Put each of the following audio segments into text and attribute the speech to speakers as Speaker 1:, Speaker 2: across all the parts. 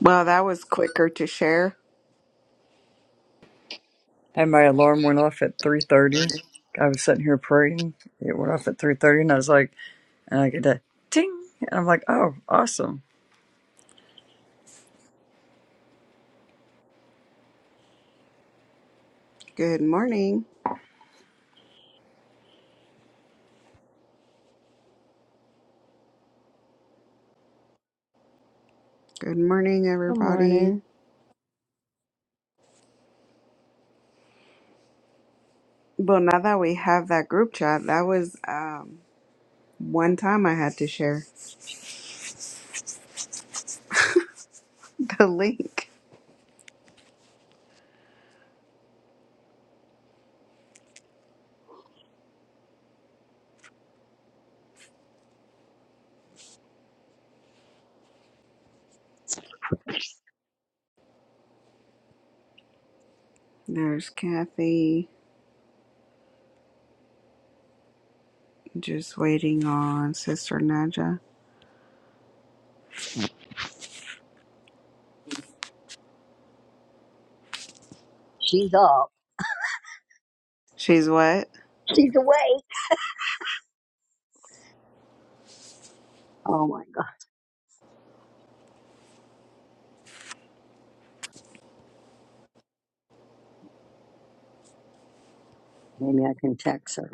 Speaker 1: Well, that was quicker to share.
Speaker 2: And my alarm went off at 3.30. I was sitting here praying. It went off at 3.30 and I was like, and I get that ting. And I'm like, oh, awesome.
Speaker 1: Good morning. Good morning,
Speaker 3: Good
Speaker 1: everybody.
Speaker 3: morning.
Speaker 1: Well, now that we have that group chat, that was um, one time I had to share the link. There's Kathy just waiting on Sister Naja.
Speaker 4: She's up.
Speaker 1: She's what?
Speaker 4: She's awake. Oh my god. Maybe I can text her.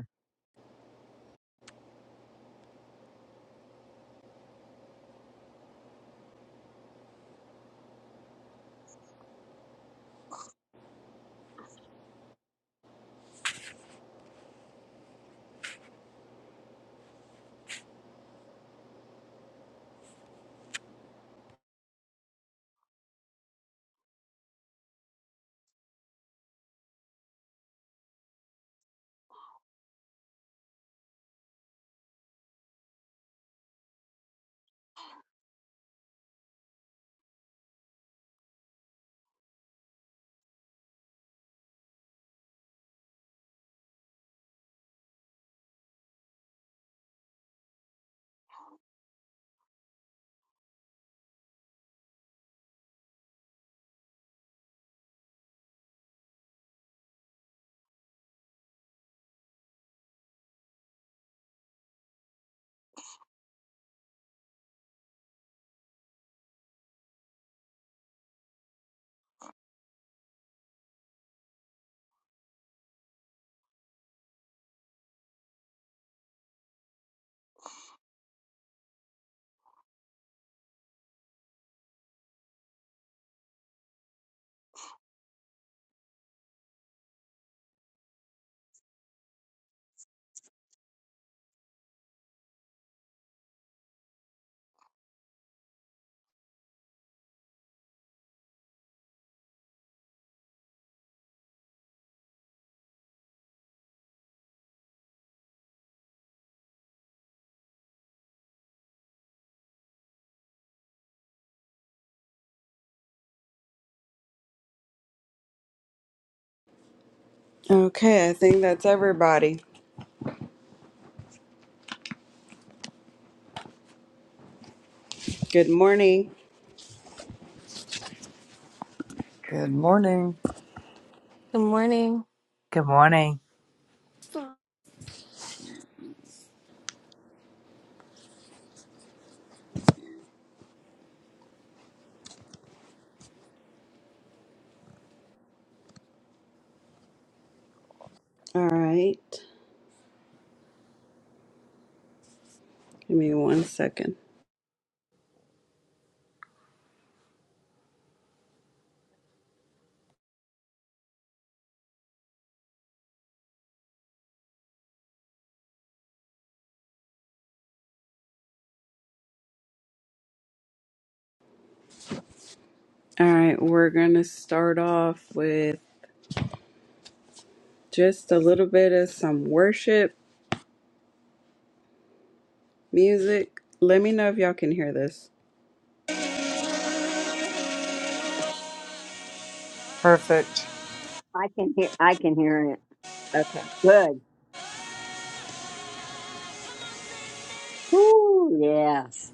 Speaker 1: Okay, I think that's everybody. Good morning.
Speaker 2: Good morning.
Speaker 5: Good morning.
Speaker 6: Good morning.
Speaker 1: All right. Give me one second. All right, we're going to start off with just a little bit of some worship Music. Let me know if y'all can hear this.
Speaker 2: Perfect.
Speaker 4: I can hear I can hear it.
Speaker 1: Okay.
Speaker 4: Good. Woo, yes.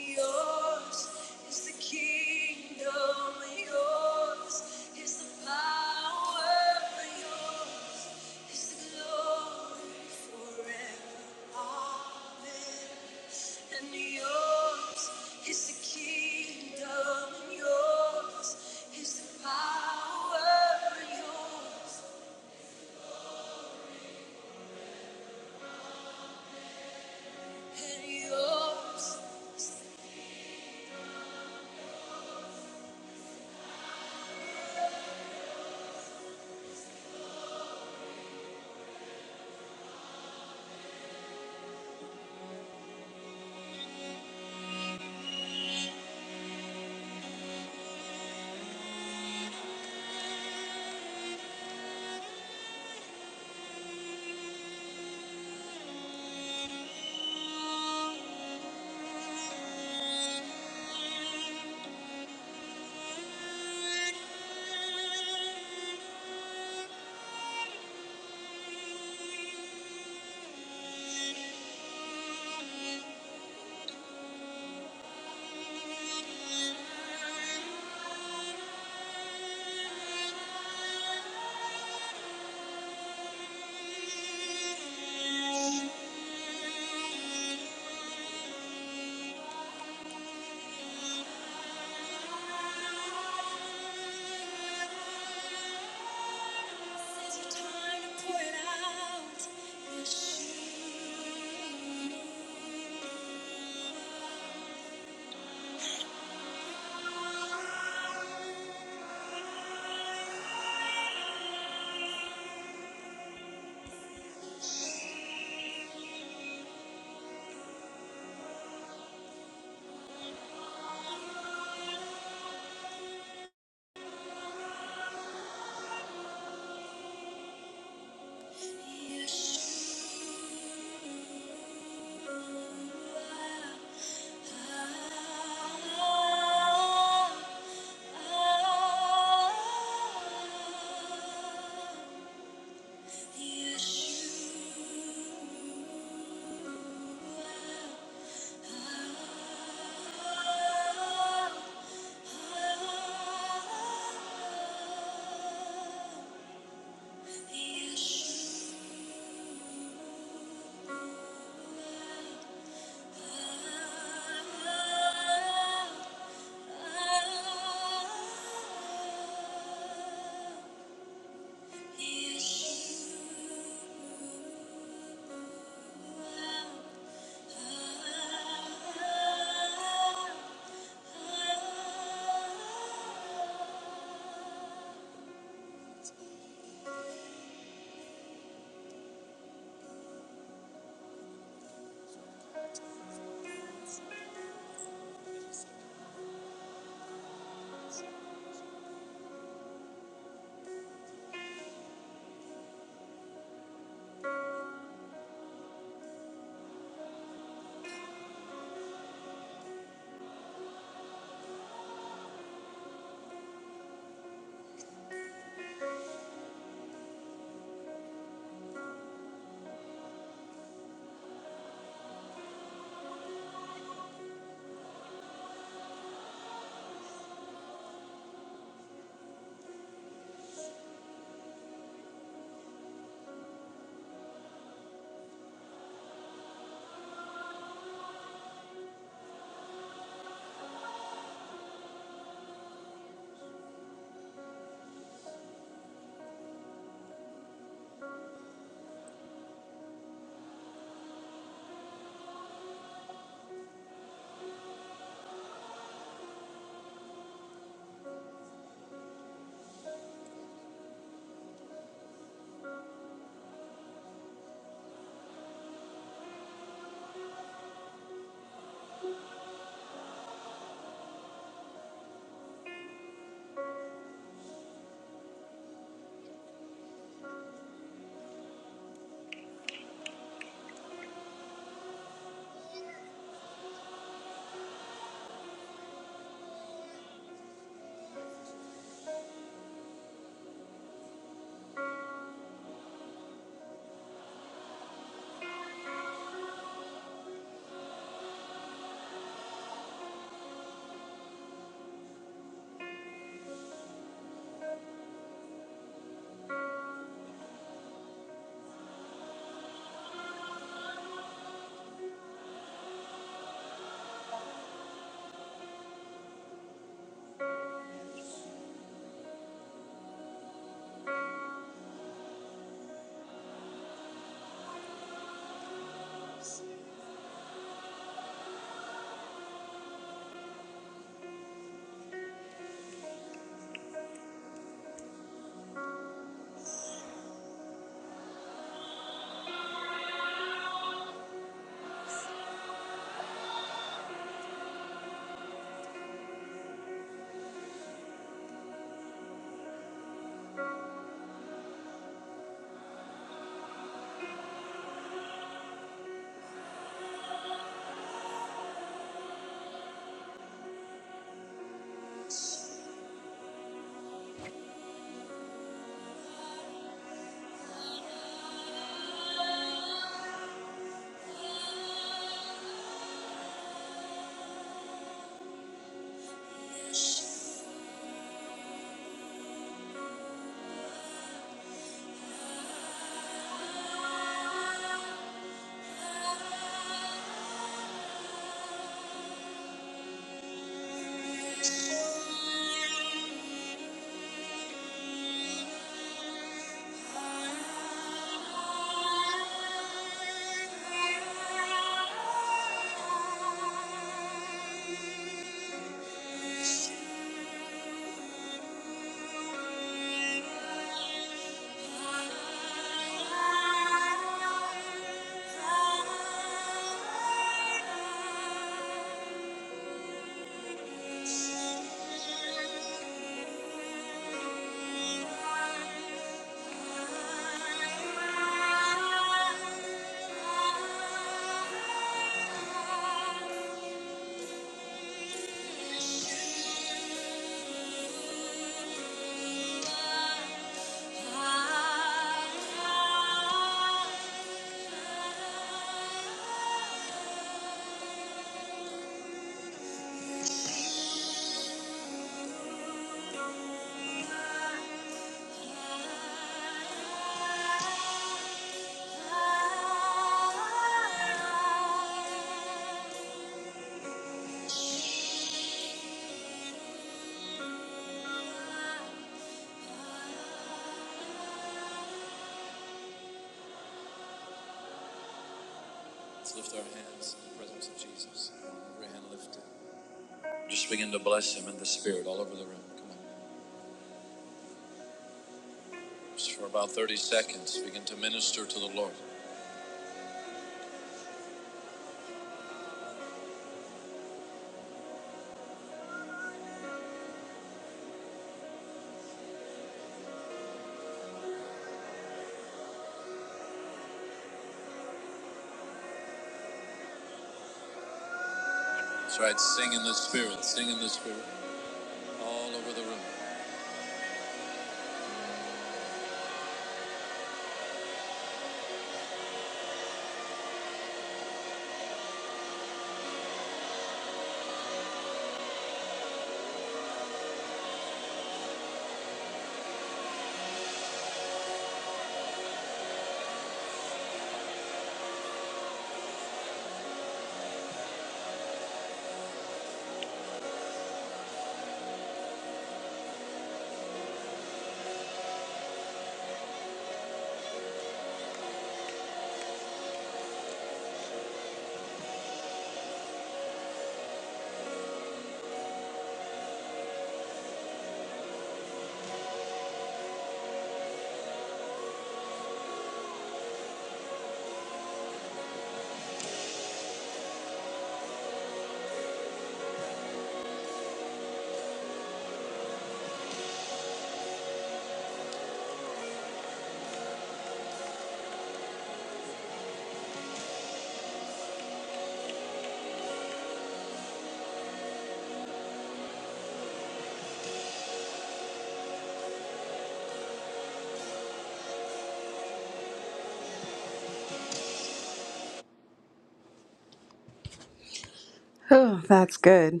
Speaker 1: Oh, that's good.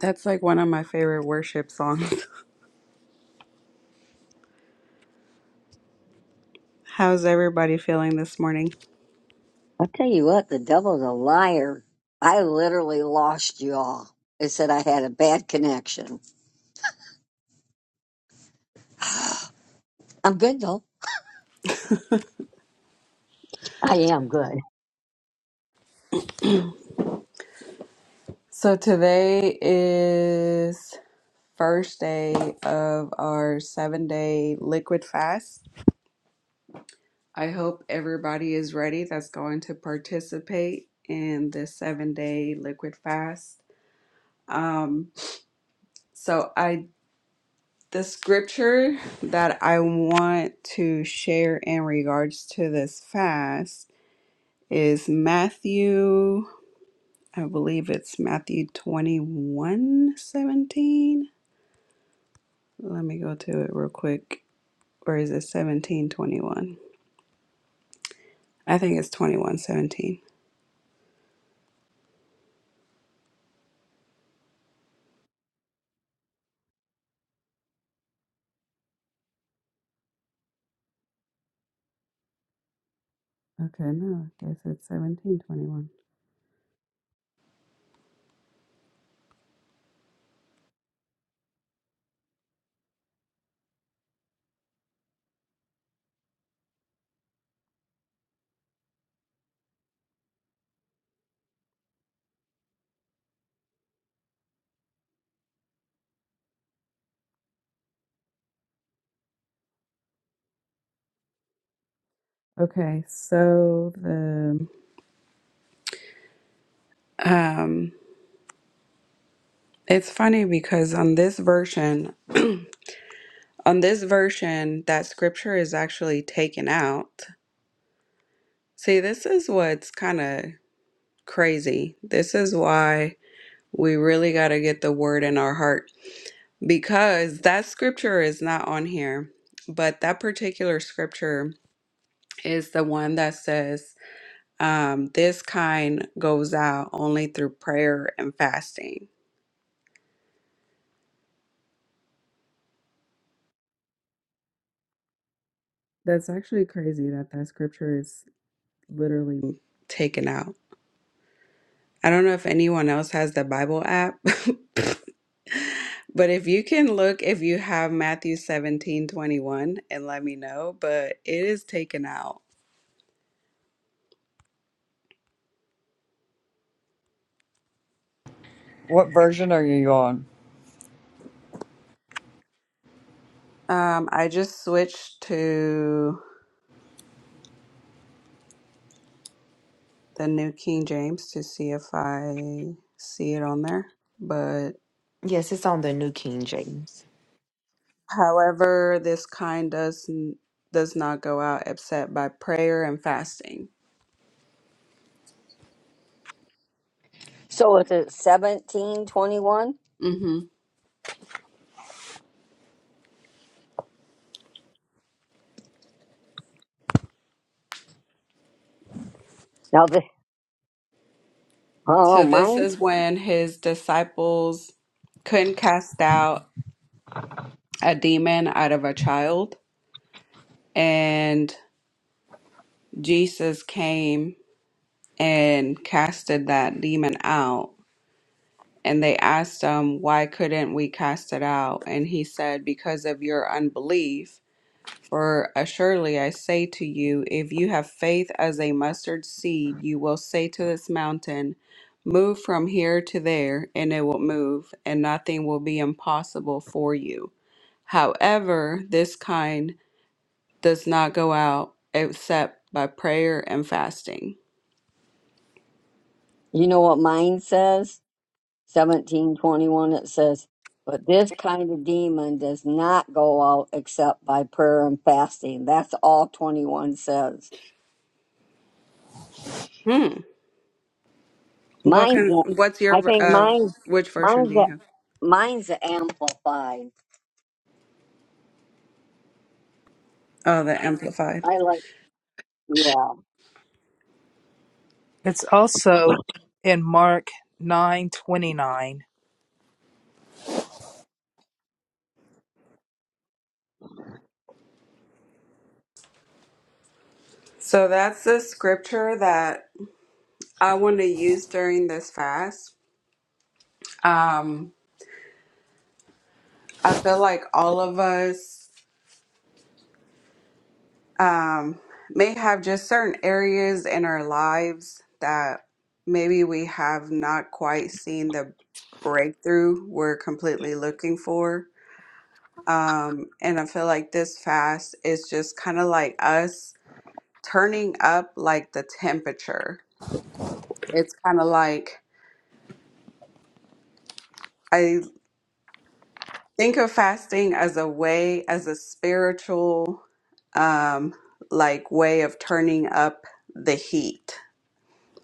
Speaker 1: That's like one of my favorite worship songs. How's everybody feeling this morning?
Speaker 4: I'll tell you what, the devil's a liar. I literally lost you all. It said I had a bad connection. I'm good though. I am good.
Speaker 1: So today is first day of our seven day liquid fast. I hope everybody is ready that's going to participate in this seven day liquid fast. Um, so I The scripture that I want to share in regards to this fast is Matthew, I believe it's Matthew 21 17. Let me go to it real quick. Or is it 17 21? I think it's 21 17. Okay, no, I guess it's seventeen twenty one. Okay, so the um it's funny because on this version On this version, that scripture is actually taken out. See, this is what's kind of crazy. This is why we really got to get the word in our heart because that scripture is not on here. But that particular scripture is the one that says, um, This kind goes out only through prayer and fasting. That's actually crazy that that scripture is literally taken out. I don't know if anyone else has the Bible app, but if you can look, if you have Matthew 17 21, and let me know, but it is taken out.
Speaker 2: What version are you on?
Speaker 1: Um, I just switched to the New King James to see if I see it on there. But
Speaker 3: Yes, it's on the New King James.
Speaker 1: however, this kind does n- does not go out except by prayer and fasting.
Speaker 4: So it's at seventeen twenty one?
Speaker 1: hmm
Speaker 4: Now the oh
Speaker 1: So this
Speaker 4: mine
Speaker 1: is when his disciples couldn't cast out a demon out of a child, and Jesus came and casted that demon out. And they asked him, Why couldn't we cast it out? And he said, Because of your unbelief. For assuredly I say to you, if you have faith as a mustard seed, you will say to this mountain, 'Move from here to there, and it will move, and nothing will be impossible for you. However, this kind does not go out except by prayer and fasting.
Speaker 4: you know what mine says? seventeen twenty one it says, But this kind of demon does not go out except by prayer and fasting. That's all twenty one says.
Speaker 1: Hmm. What
Speaker 4: Mine's
Speaker 1: can?
Speaker 4: the-
Speaker 1: What's your?
Speaker 4: I
Speaker 1: ver-
Speaker 4: think
Speaker 1: Uh,
Speaker 4: mine's
Speaker 1: which version
Speaker 4: mine's
Speaker 1: do
Speaker 4: the
Speaker 1: you have?
Speaker 4: mine's the amplified.
Speaker 1: Oh, the Amplified.
Speaker 4: I like yeah.
Speaker 6: It's also in Mark 9:29.
Speaker 1: So that's the scripture that I want to use during this fast. Um, I feel like all of us um, may have just certain areas in our lives that maybe we have not quite seen the breakthrough we're completely looking for Um, and I feel like this fast is just kind of like us turning up like the temperature. It's kind of like I think of fasting as a way, as a spiritual, um, like way of turning up the heat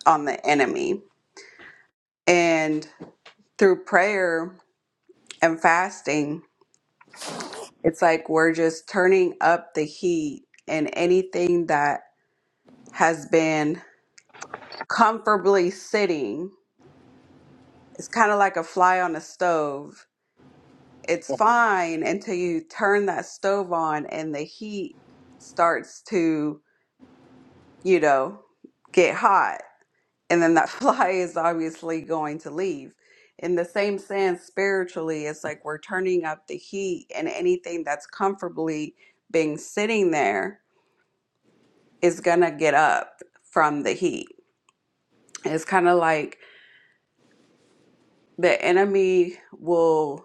Speaker 1: on the enemy. And through prayer and fasting, it's like we're just turning up the heat and anything that has been comfortably sitting It's kind of like a fly on a stove. It's fine until you turn that stove on and the heat starts to, you know, get hot. And then that fly is obviously going to leave. In the same sense, spiritually, it's like we're turning up the heat, and anything that's comfortably being sitting there is going to get up from the heat. It's kind of like the enemy will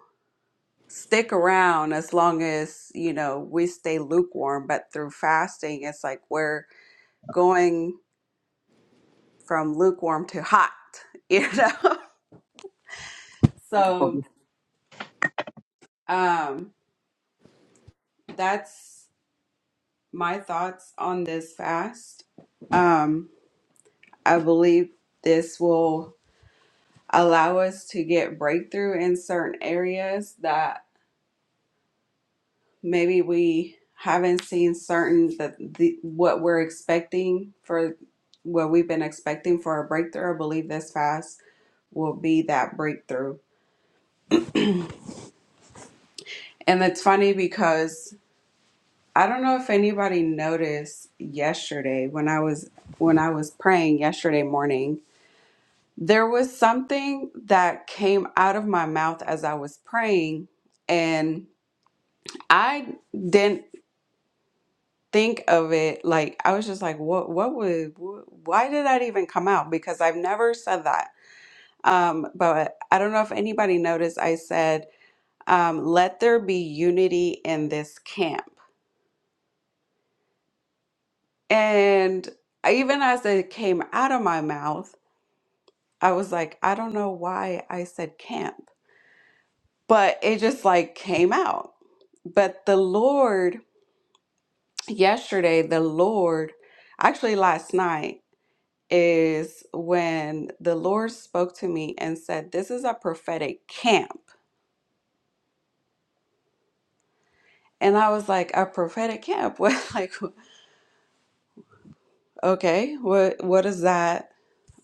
Speaker 1: stick around as long as you know we stay lukewarm but through fasting it's like we're going from lukewarm to hot you know so um that's my thoughts on this fast um i believe this will allow us to get breakthrough in certain areas that maybe we haven't seen certain that the what we're expecting for what we've been expecting for a breakthrough. I believe this fast will be that breakthrough. And it's funny because I don't know if anybody noticed yesterday when I was when I was praying yesterday morning, there was something that came out of my mouth as I was praying and I didn't think of it like I was just like what what would wh- why did that even come out because I've never said that um but I don't know if anybody noticed I said um let there be unity in this camp and I- even as it came out of my mouth I was like I don't know why I said camp but it just like came out but the Lord yesterday the Lord actually last night is when the Lord spoke to me and said, This is a prophetic camp. And I was like, a prophetic camp? What like okay, what what does that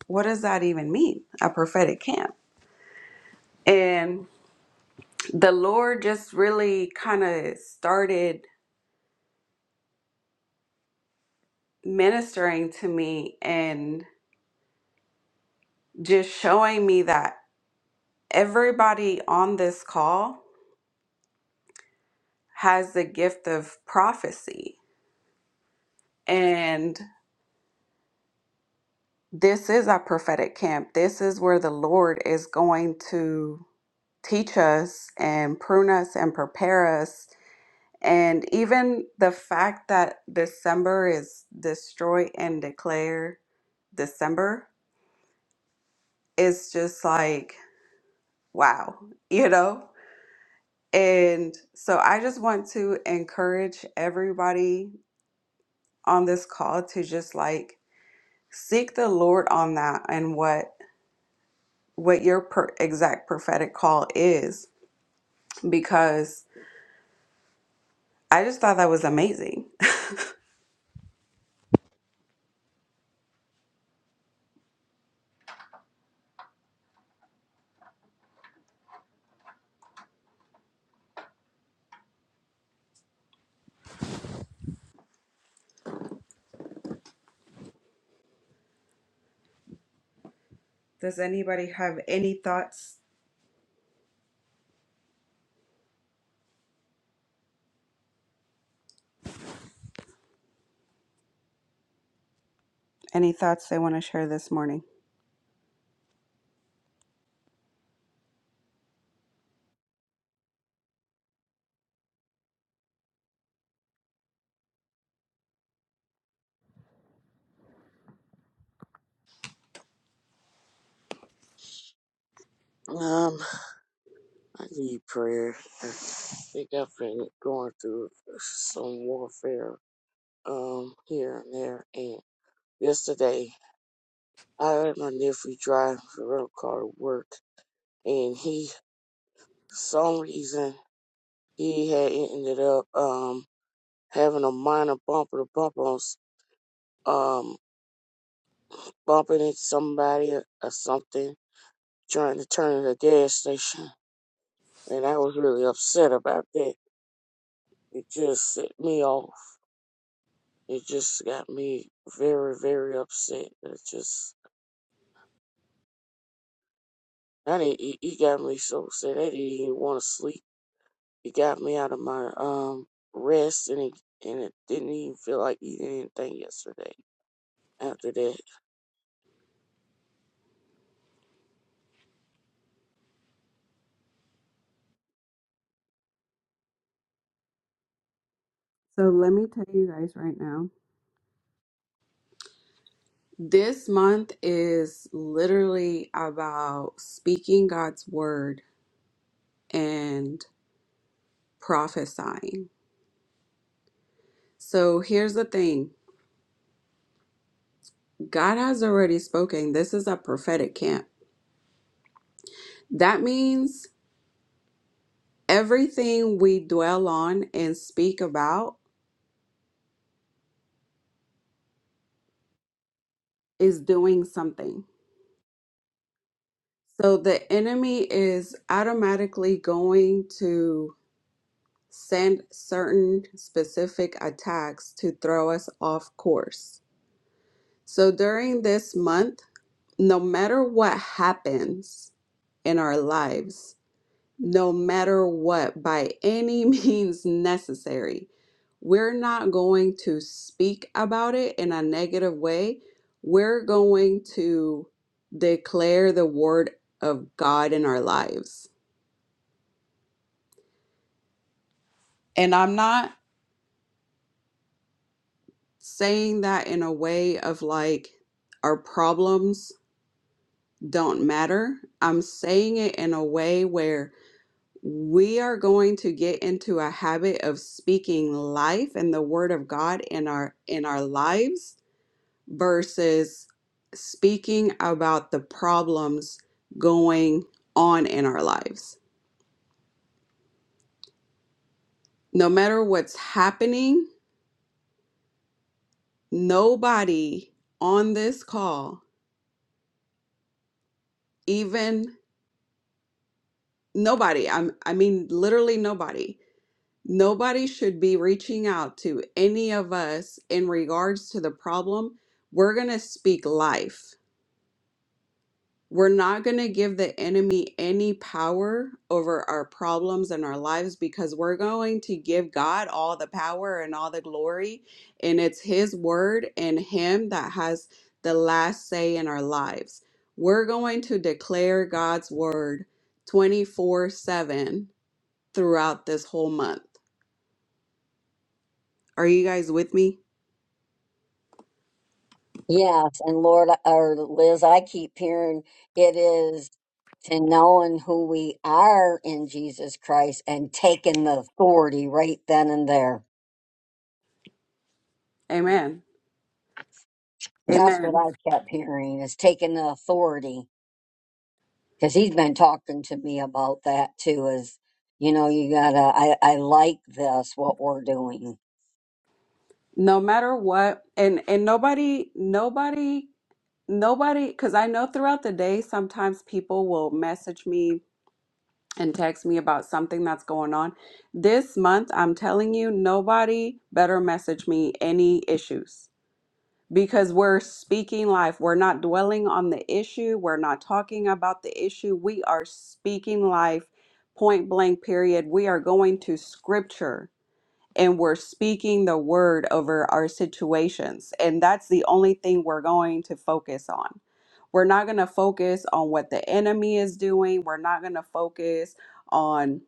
Speaker 1: what does that even mean? A prophetic camp. And the Lord just really kind of started ministering to me and just showing me that everybody on this call has the gift of prophecy. and. This is our prophetic camp. This is where the Lord is going to teach us and prune us and prepare us. And even the fact that December is destroy and declare December is just like, wow, you know? And so I just want to encourage everybody on this call to just like seek the Lord on that and what what your per- exact prophetic call is because I just thought that was amazing. Does anybody have any thoughts? Any thoughts they want to share this morning?
Speaker 7: Um, I need prayer. I think I've been going through some warfare, um, here and there. And yesterday, I had my nephew drive the rental car to work, and he, for some reason, he had ended up, um, having a minor bumper to bumper on, s- um, bumping into somebody or or something, trying to turn at a gas station. And I was really upset about that. It just set me off. It just got me very, very upset. It just, I didn't, it, it got me so upset. I didn't even want to sleep. It got me out of my um rest, and it and it didn't even feel like eating anything yesterday. After that,
Speaker 1: So let me tell you guys right now. This month is literally about speaking God's word and prophesying. So here's the thing God has already spoken. This is a prophetic camp. That means everything we dwell on and speak about is doing something. So the enemy is automatically going to send certain specific attacks to throw us off course. So during this month, no matter what happens in our lives, no matter what, by any means necessary, we're not going to speak about it in a negative way. We're going to declare the word of God in our lives. And I'm not saying that in a way of like our problems don't matter. I'm saying it in a way where we are going to get into a habit of speaking life and the word of God in our in our lives versus speaking about the problems going on in our lives. No matter what's happening, nobody on this call, even Nobody, I'm, I mean, literally nobody. Nobody should be reaching out to any of us in regards to the problem. We're going to speak life. We're not going to give the enemy any power over our problems and our lives because we're going to give God all the power and all the glory. And it's His word and Him that has the last say in our lives. We're going to declare God's word 24 7 throughout this whole month. Are you guys with me?
Speaker 4: Yes, and Lord or Liz, I keep hearing it is to knowing who we are in Jesus Christ and taking the authority right then and there.
Speaker 7: Mm.
Speaker 1: Amen.
Speaker 4: That's what
Speaker 1: Amen.
Speaker 4: I kept hearing is taking the authority because he's been talking to me about that too. Is you know you gotta I I like this what we're doing.
Speaker 1: No matter what and and nobody nobody nobody cuz I know throughout the day sometimes people will message me and text me about something that's going on. This month, I'm telling you, nobody better message me any issues because we're speaking life. We're not dwelling on the issue. We're not talking about the issue. We are speaking life, point blank, period. We are going to scripture and we're speaking the word over our situations. And that's the only thing we're going to focus on. We're not going to focus on what the enemy is doing. We're not going to focus on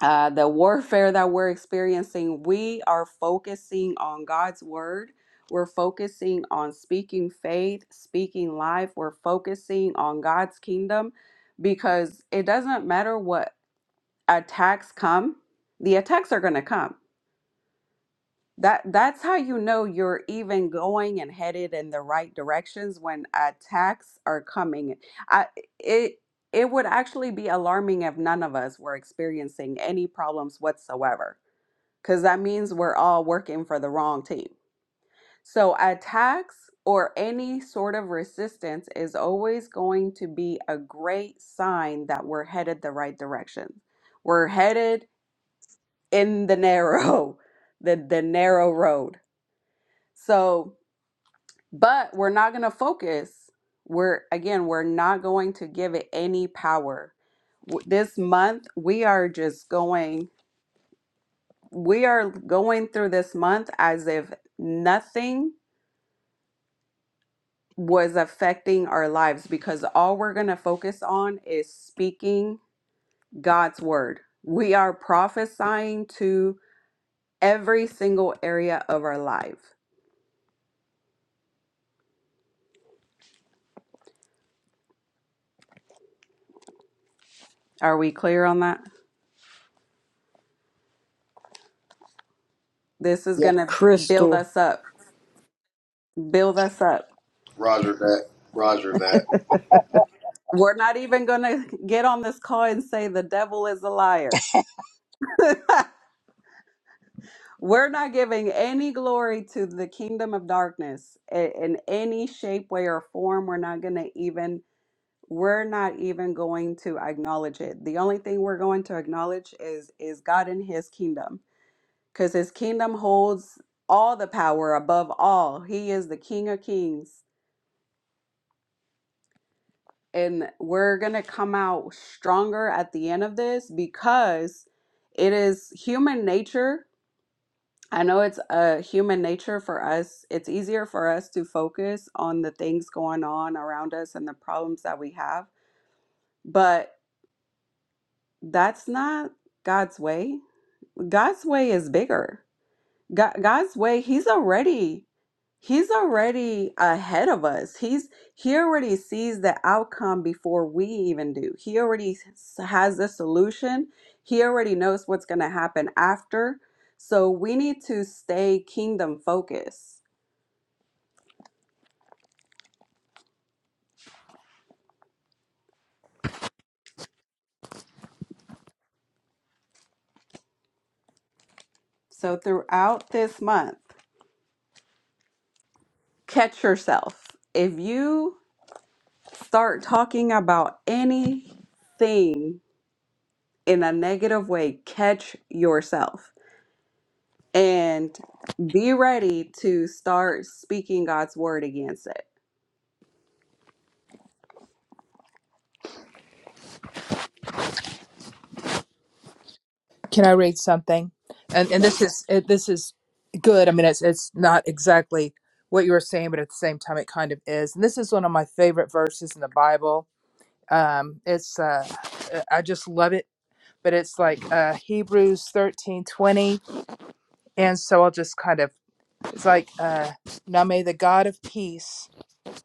Speaker 1: uh, the warfare that we're experiencing, we are focusing on God's word. We're focusing on speaking faith, speaking life. We're focusing on God's kingdom because it doesn't matter what attacks come, the attacks are going to come. That, that's how you know you're even going and headed in the right directions when attacks are coming. I, it, it would actually be alarming if none of us were experiencing any problems whatsoever because that means we're all working for the wrong team. So, attacks or any sort of resistance is always going to be a great sign that we're headed the right direction. We're headed in the narrow, the, the narrow road. So, but we're not going to focus. We're, again, we're not going to give it any power. W- This month, we are just going, we are going through this month as if nothing was affecting our lives because all we're going to focus on is speaking God's word. We are prophesying to every single area of our life. Are we clear on that? This is
Speaker 4: Yes.
Speaker 1: going to build
Speaker 2: Crystal.
Speaker 1: us up, build us up.
Speaker 8: Roger that. Roger that.
Speaker 1: We're not even going to get on this call and say the devil is a liar. We're not giving any glory to the kingdom of darkness i- in any shape, way, or form. We're not going to even we're not even going to acknowledge it. The only thing we're going to acknowledge is is God and his kingdom cuz his kingdom holds all the power above all. He is the king of kings and we're going to come out stronger at the end of this because it is human nature. I know it's a human nature for us. It's easier for us to focus on the things going on around us and the problems that we have, but that's not God's way God's way is bigger. God, God's way, he's already he's already ahead of us. He's he already sees the outcome before we even do. He already s- has the solution. He already knows what's going to happen after. So we need to stay kingdom focused. So throughout this month, catch yourself. If you start talking about anything in a negative way, catch yourself and be ready to start speaking God's word against it.
Speaker 6: Can I read something? And and this
Speaker 1: Yes.
Speaker 6: is it, this is good. I mean it's it's not exactly what you were saying but at the same time it kind of is. And this is one of my favorite verses in the Bible. Um it's uh I just love it, but it's like uh Hebrews 13:20 and so I'll just kind of it's like uh now may the God of peace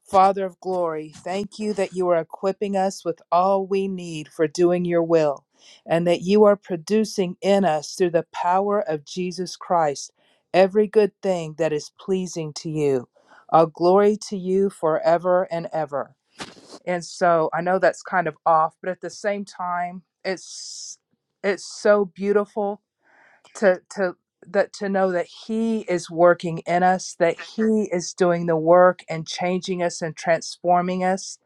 Speaker 6: Father of glory, thank you that you are equipping us with all we need for doing your will, and that you are producing in us through the power of Jesus Christ every good thing that is pleasing to you. All glory to you forever and ever. And so I know that's kind of off, but at the same time, it's it's so beautiful to to that to know that he is working in us that he is doing the work and changing us and transforming us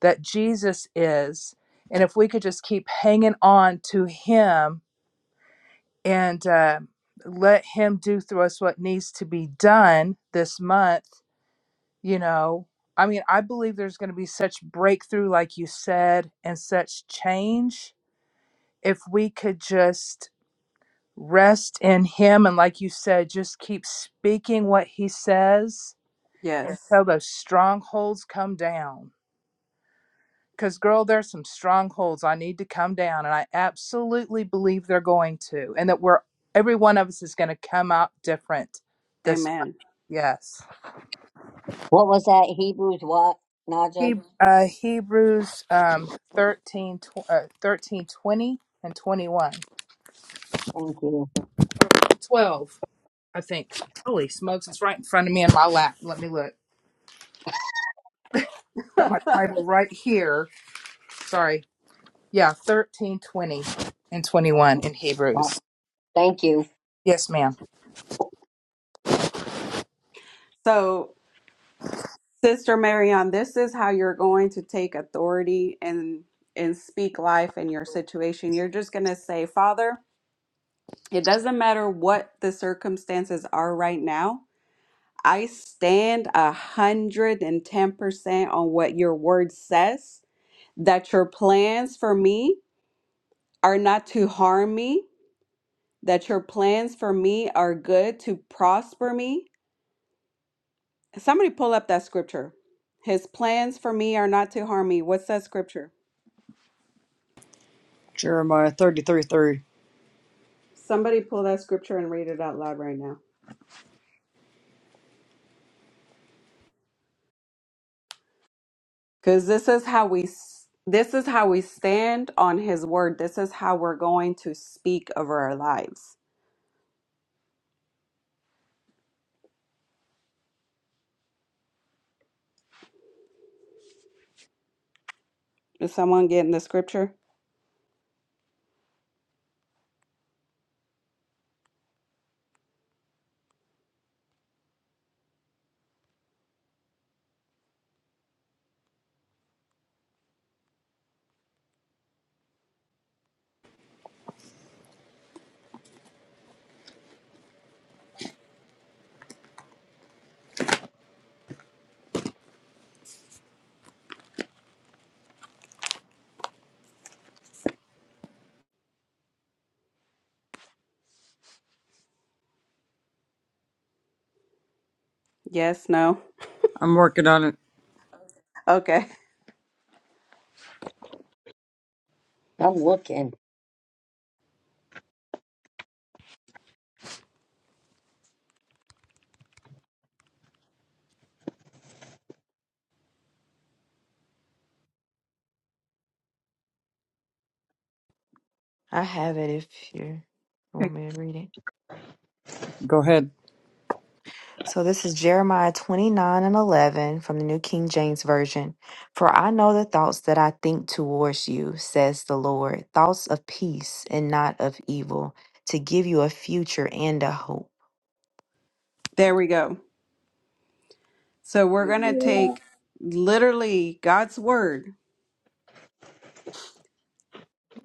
Speaker 6: that jesus is and if we could just keep hanging on to him and uh, let him do through us what needs to be done this month you know i mean i believe there's going to be such breakthrough like you said and such change if we could just rest in him and like you said just keep speaking what he says
Speaker 1: Yes.
Speaker 6: until those strongholds come down because girl there's some strongholds i need to come down and i absolutely believe they're going to and that we're every one of us is going to come out different this
Speaker 1: Amen.
Speaker 6: yes
Speaker 4: What was that Hebrews? What
Speaker 6: he,
Speaker 4: Naja?
Speaker 6: uh, hebrews um 13 tw- uh, 13 twenty and 21
Speaker 4: Thank you.
Speaker 6: 12 i think holy smokes it's right in front of me in my lap let me look got my bible right here sorry. Yeah, 13, 20, and 21 in Hebrews.
Speaker 4: Thank you.
Speaker 6: Yes, ma'am.
Speaker 1: So, Sister Marion, this is how you're going to take authority and and speak life in your situation. You're just going to say, "Father, it doesn't matter what the circumstances are right now. I stand a hundred and ten percent on what your word says. That your plans for me." are not to harm me, that your plans for me are good to prosper me. Somebody pull up that scripture. His plans for me are not to harm me. What's that scripture?
Speaker 2: Jeremiah thirty three
Speaker 1: Somebody pull that scripture and read it out loud right now. Cuz this is how we s- this is how we stand on his word. This is how we're going to speak over our lives. Is someone getting the scripture? Yes, no.
Speaker 2: I'm working on it.
Speaker 1: Okay.
Speaker 4: I'm looking.
Speaker 3: I have it if you want me to read it.
Speaker 2: Go ahead.
Speaker 3: So this is Jeremiah 29 and 11 from the New King James Version. For I know the thoughts that I think towards you, says the Lord, thoughts of peace and not of evil, to give you a future and a hope.
Speaker 1: There we go. So we're going to
Speaker 4: Yeah.
Speaker 1: take literally God's word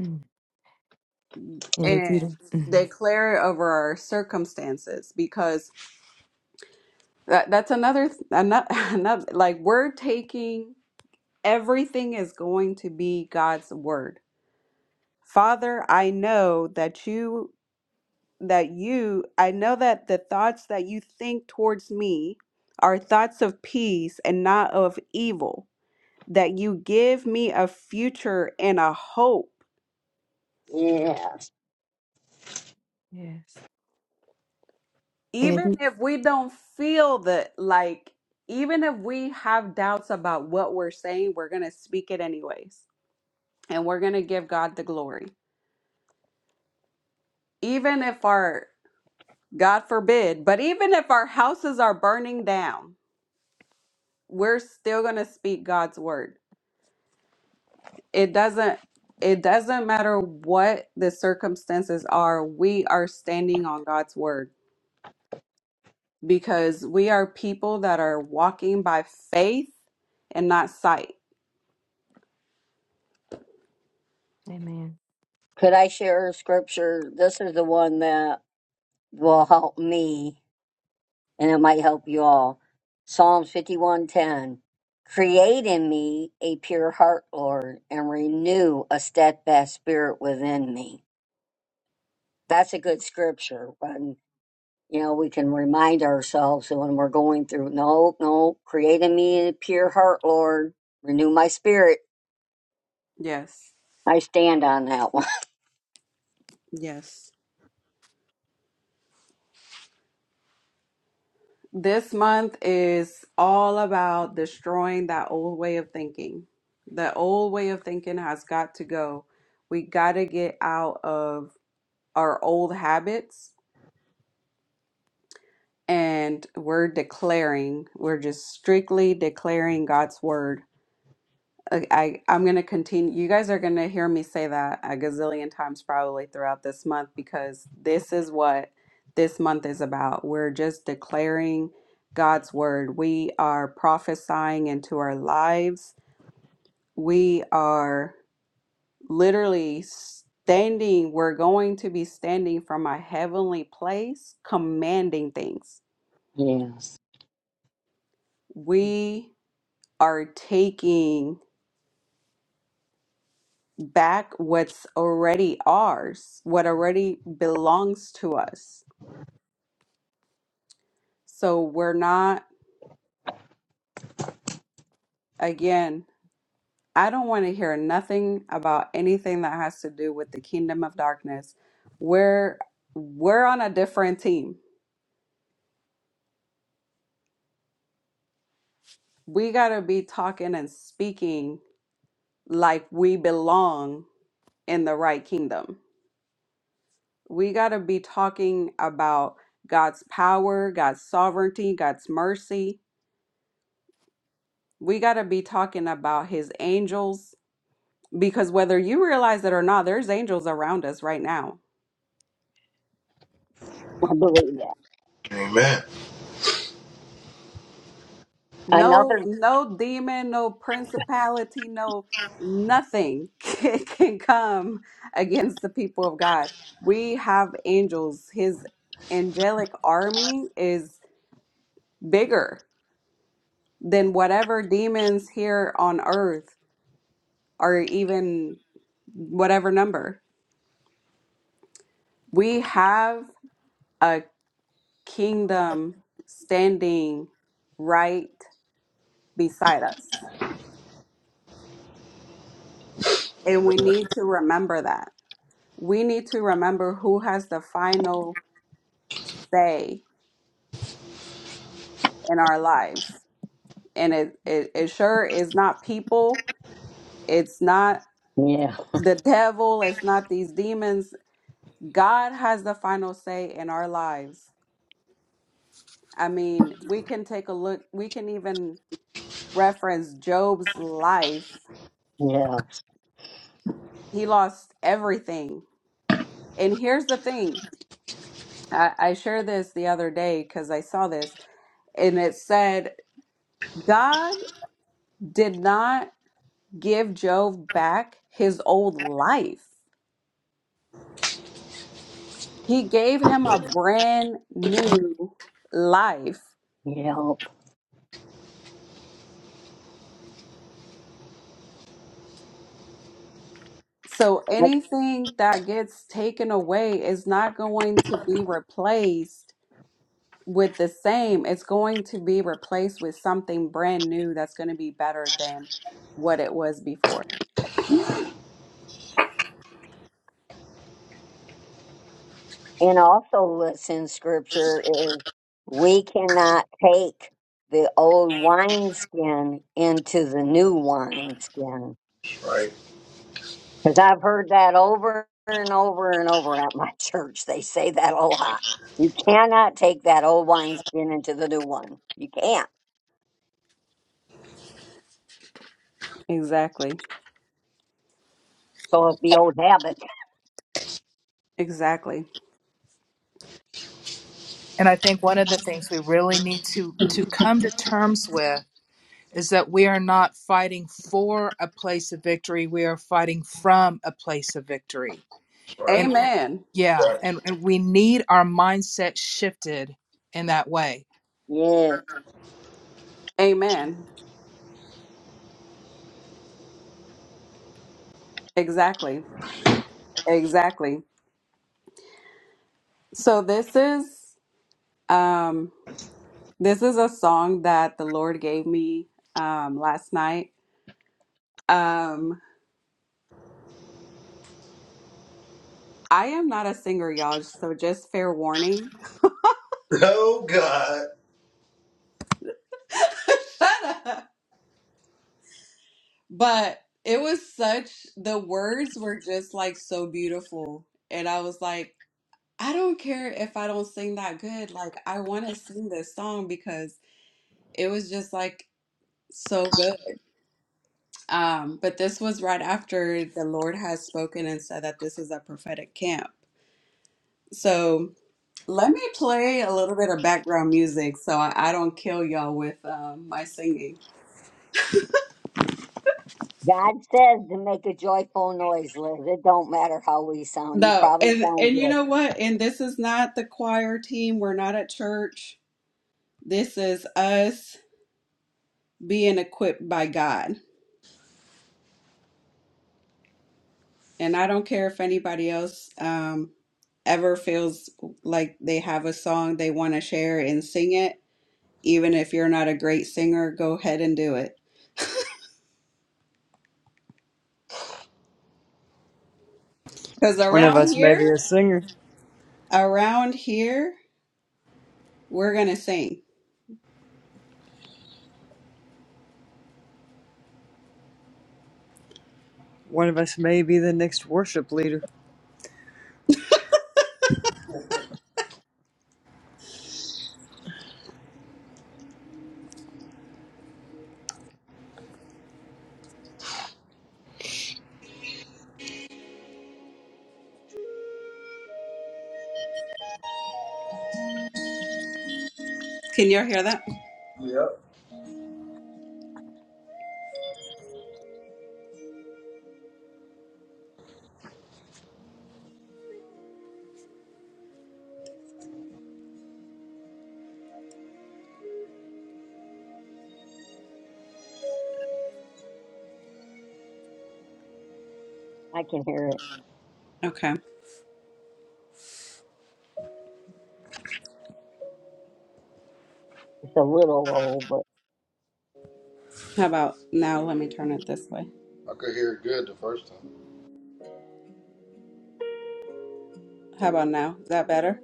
Speaker 3: Mm. And if you
Speaker 1: and
Speaker 3: don't, Mhm.
Speaker 1: declare it over our circumstances because that, that's another, another another like we're taking everything is going to be God's word. Father, I know that you that you I know that the thoughts that you think towards me are thoughts of peace and not of evil, that you give me a future and a hope.
Speaker 4: Yeah.
Speaker 3: yes. And if
Speaker 1: even
Speaker 3: you,
Speaker 1: if we don't feel that like even if we have doubts about what we're saying we're going to speak it anyways and we're going to give god the glory even if our god forbid but even if our houses are burning down we're still going to speak god's word it doesn't it doesn't matter what the circumstances are we are standing on god's word because we are people that are walking by faith and not sight
Speaker 3: amen.
Speaker 4: Could I share a scripture? This is the one that will help me and it might help you all. Psalms 51:10. Create in me a pure heart, Lord, and renew a steadfast spirit within me. That's a good scripture when you know we can remind ourselves that when we're going through no, no, create in me a pure heart, Lord, renew my spirit.
Speaker 1: yes
Speaker 4: I stand on that one.
Speaker 1: Yes. This month is all about destroying that old way of thinking. The old way of thinking has got to go. We got to get out of our old habits and we're declaring, we're just strictly declaring God's word. I, I- I'm going to continue. You guys are going to hear me say that a gazillion times probably throughout this month because this is what this month is about. We're just declaring God's word. We are prophesying into our lives. We are literally standing, we're going to be standing from a heavenly place, commanding things.
Speaker 4: Yes.
Speaker 1: We are taking back what's already ours, what already belongs to us. So we're not, again, I don't want to hear nothing about anything that has to do with the kingdom of darkness. We're we're on a different team. We got to be talking and speaking like we belong in the right kingdom. We got to be talking about God's power, God's sovereignty, God's mercy, We got to be talking about his angels because whether you realize it or not, there's angels around us right now.
Speaker 4: I believe that.
Speaker 8: Amen.
Speaker 1: No,
Speaker 4: Another
Speaker 1: no demon, no principality, no nothing can, can come against the people of God. We have angels. His angelic army is bigger than whatever demons here on earth are even whatever number. We have a. kingdom standing right beside us. And
Speaker 8: Amen.
Speaker 1: we need to remember that. We need to remember who has the final say in our lives. And it, it, it sure is not people, it's not
Speaker 4: yeah,
Speaker 1: the devil, it's not these demons. God has the final say in our lives. I mean, we can take a look, we can even reference Job's life.
Speaker 4: yeah.
Speaker 1: He lost everything. And here's the thing I, I shared this the other day because I saw this, and it said God did not give Job back his old life. He gave him a brand new life.
Speaker 4: Yep.
Speaker 1: So anything that gets taken away is not going to be replaced with the same. It's going to be replaced with something brand new that's going to be better than what it was before.
Speaker 4: And also what's in scripture is we cannot take the old wineskin into the new wineskin.
Speaker 8: Right.
Speaker 4: Because I've heard that over and over and over at my church. They say that a lot. You cannot take that old wineskin into the new one. You can't.
Speaker 1: Exactly.
Speaker 4: So it's the old habit.
Speaker 1: Exactly.
Speaker 6: And I think one of the things we really need to to come to terms with is that we are not fighting for a place of victory. We are fighting from a place of victory.
Speaker 8: Right.
Speaker 6: And and-
Speaker 1: Amen.
Speaker 6: yeah,
Speaker 8: Right.
Speaker 6: and, and we need our mindset shifted in that way.
Speaker 4: Yes.
Speaker 1: Amen. Exactly. Exactly. So this is um this is a song that the Lord gave me um last night. Um I am not a singer, y'all, so just fair warning.
Speaker 8: Oh God.
Speaker 1: but it was such the words were just like so beautiful and I was like I don't care if I don't sing that good. Like I want to sing this song because it was just like so good. Um, but this was right after the Lord has spoken and said that this is a prophetic camp. So let me play a little bit of background music so I, I don't kill y'all with um, my singing.
Speaker 4: God says to make a joyful noise, Liz. It don't matter how we sound. You
Speaker 1: No,
Speaker 4: probably
Speaker 1: and
Speaker 4: sound
Speaker 1: and you
Speaker 4: good.
Speaker 1: know what? And this is not the choir team. We're not at church. This is us being equipped by God. And I don't care if anybody else um, ever feels like they have a song they want to share and sing it Even if you're not a great singer, go ahead and do it. Because
Speaker 2: One of
Speaker 1: around
Speaker 2: us may
Speaker 1: here,
Speaker 2: be a singer.
Speaker 1: around here, we're going to sing.
Speaker 2: One of us may be the next worship leader.
Speaker 1: Can y'all hear that?
Speaker 8: Yep.
Speaker 4: I can hear it.
Speaker 1: Okay.
Speaker 4: It's a little low,
Speaker 1: How about now? Let me turn it this way.
Speaker 8: I could hear it good the first time.
Speaker 1: How about now? Is that better?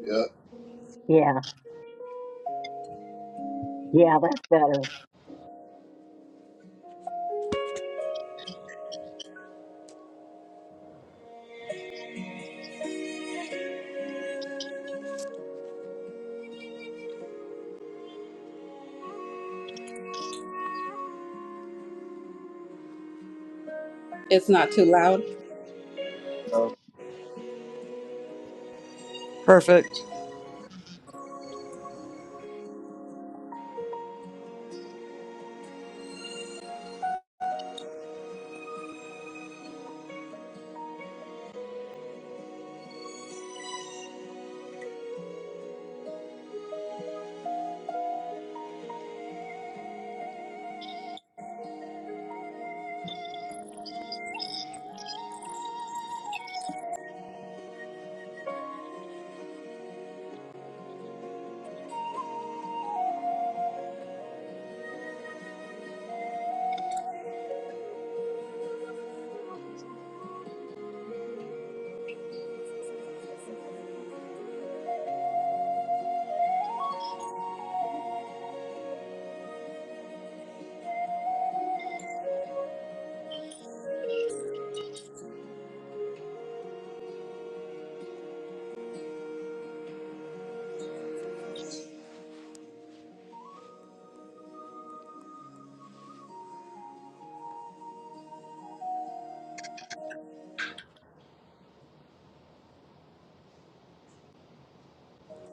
Speaker 8: Yep.
Speaker 4: Yeah, yeah, that's better.
Speaker 1: It's not too loud.
Speaker 8: No.
Speaker 2: Perfect.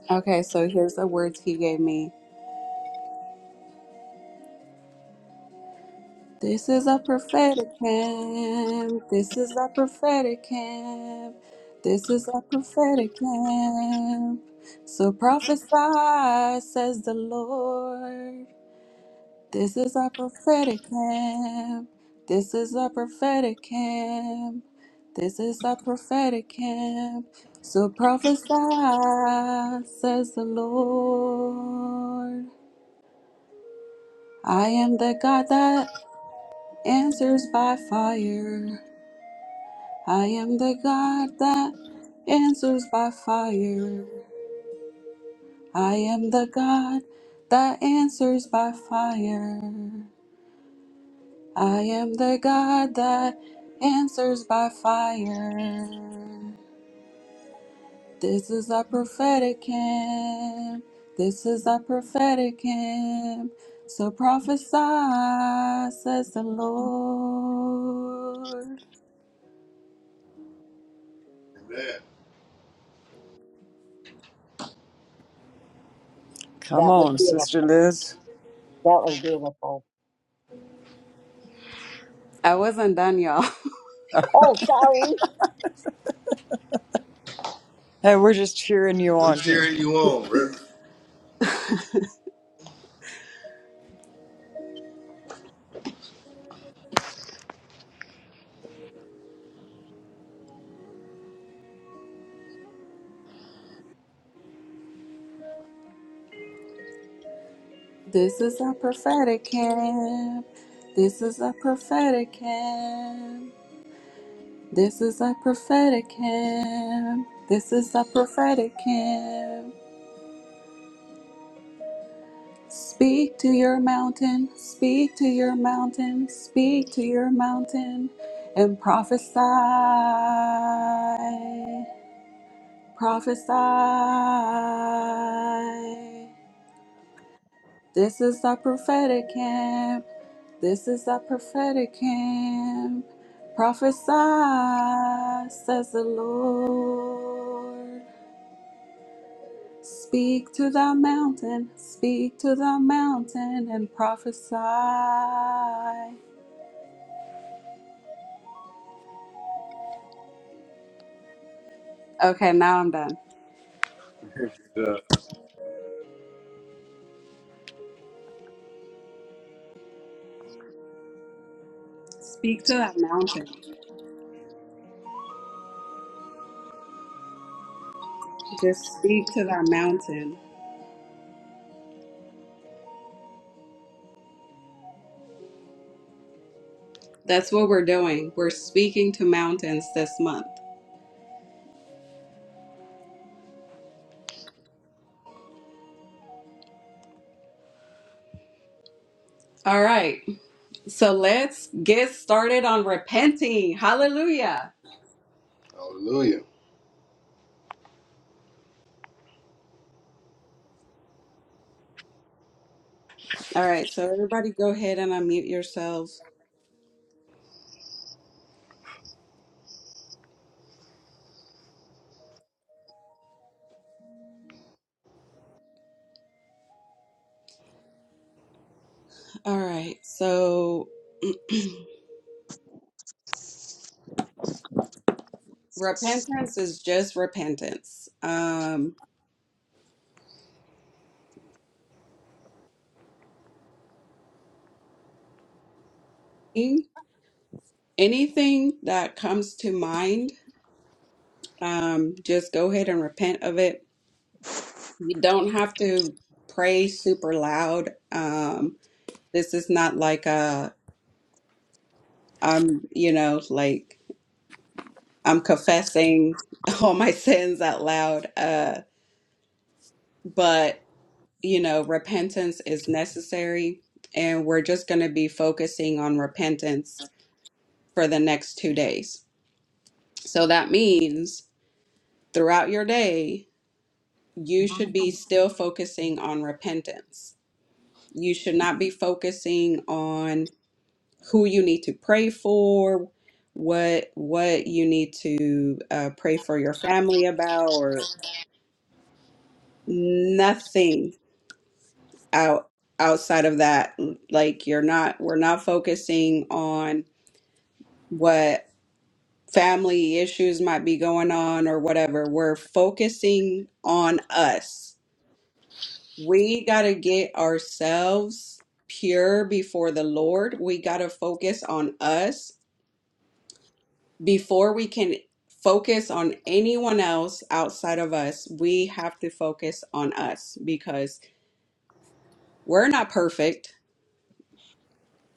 Speaker 1: Okay, so here's the words he gave me. This is a prophetic camp. This is a prophetic camp. This is a prophetic camp. So prophesy, says the Lord. This is our prophetic camp. This is our prophetic camp. This is our prophetic camp. So prophesy, says the Lord. I am the God that answers by fire. I am the God that answers by fire. I am the God that answers by fire. I am the God that answers by fire. This is our prophetic camp. This is our prophetic camp. So prophesy, says the Lord.
Speaker 8: Amen.
Speaker 2: Come
Speaker 4: That was
Speaker 2: on,
Speaker 4: beautiful.
Speaker 2: Sister Liz.
Speaker 4: That was beautiful.
Speaker 1: I wasn't done, y'all.
Speaker 4: Oh, sorry.
Speaker 2: Hey, we're just cheering you
Speaker 8: We are
Speaker 2: on here.
Speaker 8: cheering you on, bro.
Speaker 1: This is our prophetic camp. This is our prophetic camp. This is our prophetic camp. This is our prophetic camp. Speak to your mountain, speak to your mountain, speak to your mountain, and prophesy, prophesy. This is the prophetic camp, this is the prophetic camp. Prophesy, says the Lord. Speak to the mountain, speak to the mountain and prophesy. Okay, now I'm done.
Speaker 8: Good job.
Speaker 1: Speak to that mountain. Just speak to that mountain. That's what we're doing. We're speaking to mountains this month. All right. So let's get started on repenting. Hallelujah.
Speaker 8: Hallelujah.
Speaker 1: All right. So everybody go ahead and unmute yourselves. All right. So repentance is just repentance. Um anything that comes to mind, um, just go ahead and repent of it. You don't have to pray super loud. Um, this is not like a, I'm, you know, like I'm confessing all my sins out loud. Uh, but, you know, repentance is necessary. And we're just going to be focusing on repentance for the next two days. So that means throughout your day, you should be
Speaker 3: Amen.
Speaker 1: still focusing on repentance. You should not be focusing on who you need to pray for, what what you need to uh, pray for your family about, or nothing out outside of that. Like you're not, we're not focusing on what family issues might be going on or whatever. We're focusing on us We got to get ourselves pure before the Lord. We got to focus on us before we can focus on anyone else outside of us. We have to focus on us because we're not perfect.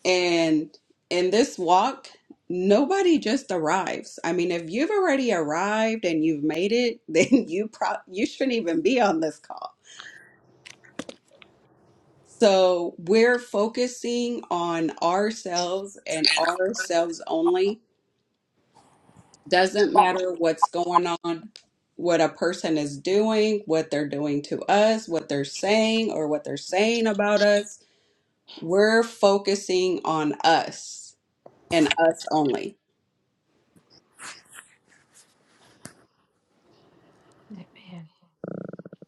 Speaker 1: And in this walk, nobody just arrives. I mean, if you've already arrived and you've made it, then you pro- you shouldn't even be on this call So we're focusing on ourselves and ourselves only. Doesn't matter what's going on, what a person is doing, what they're doing to us, what they're saying, or what they're saying about us. We're focusing on us and us only.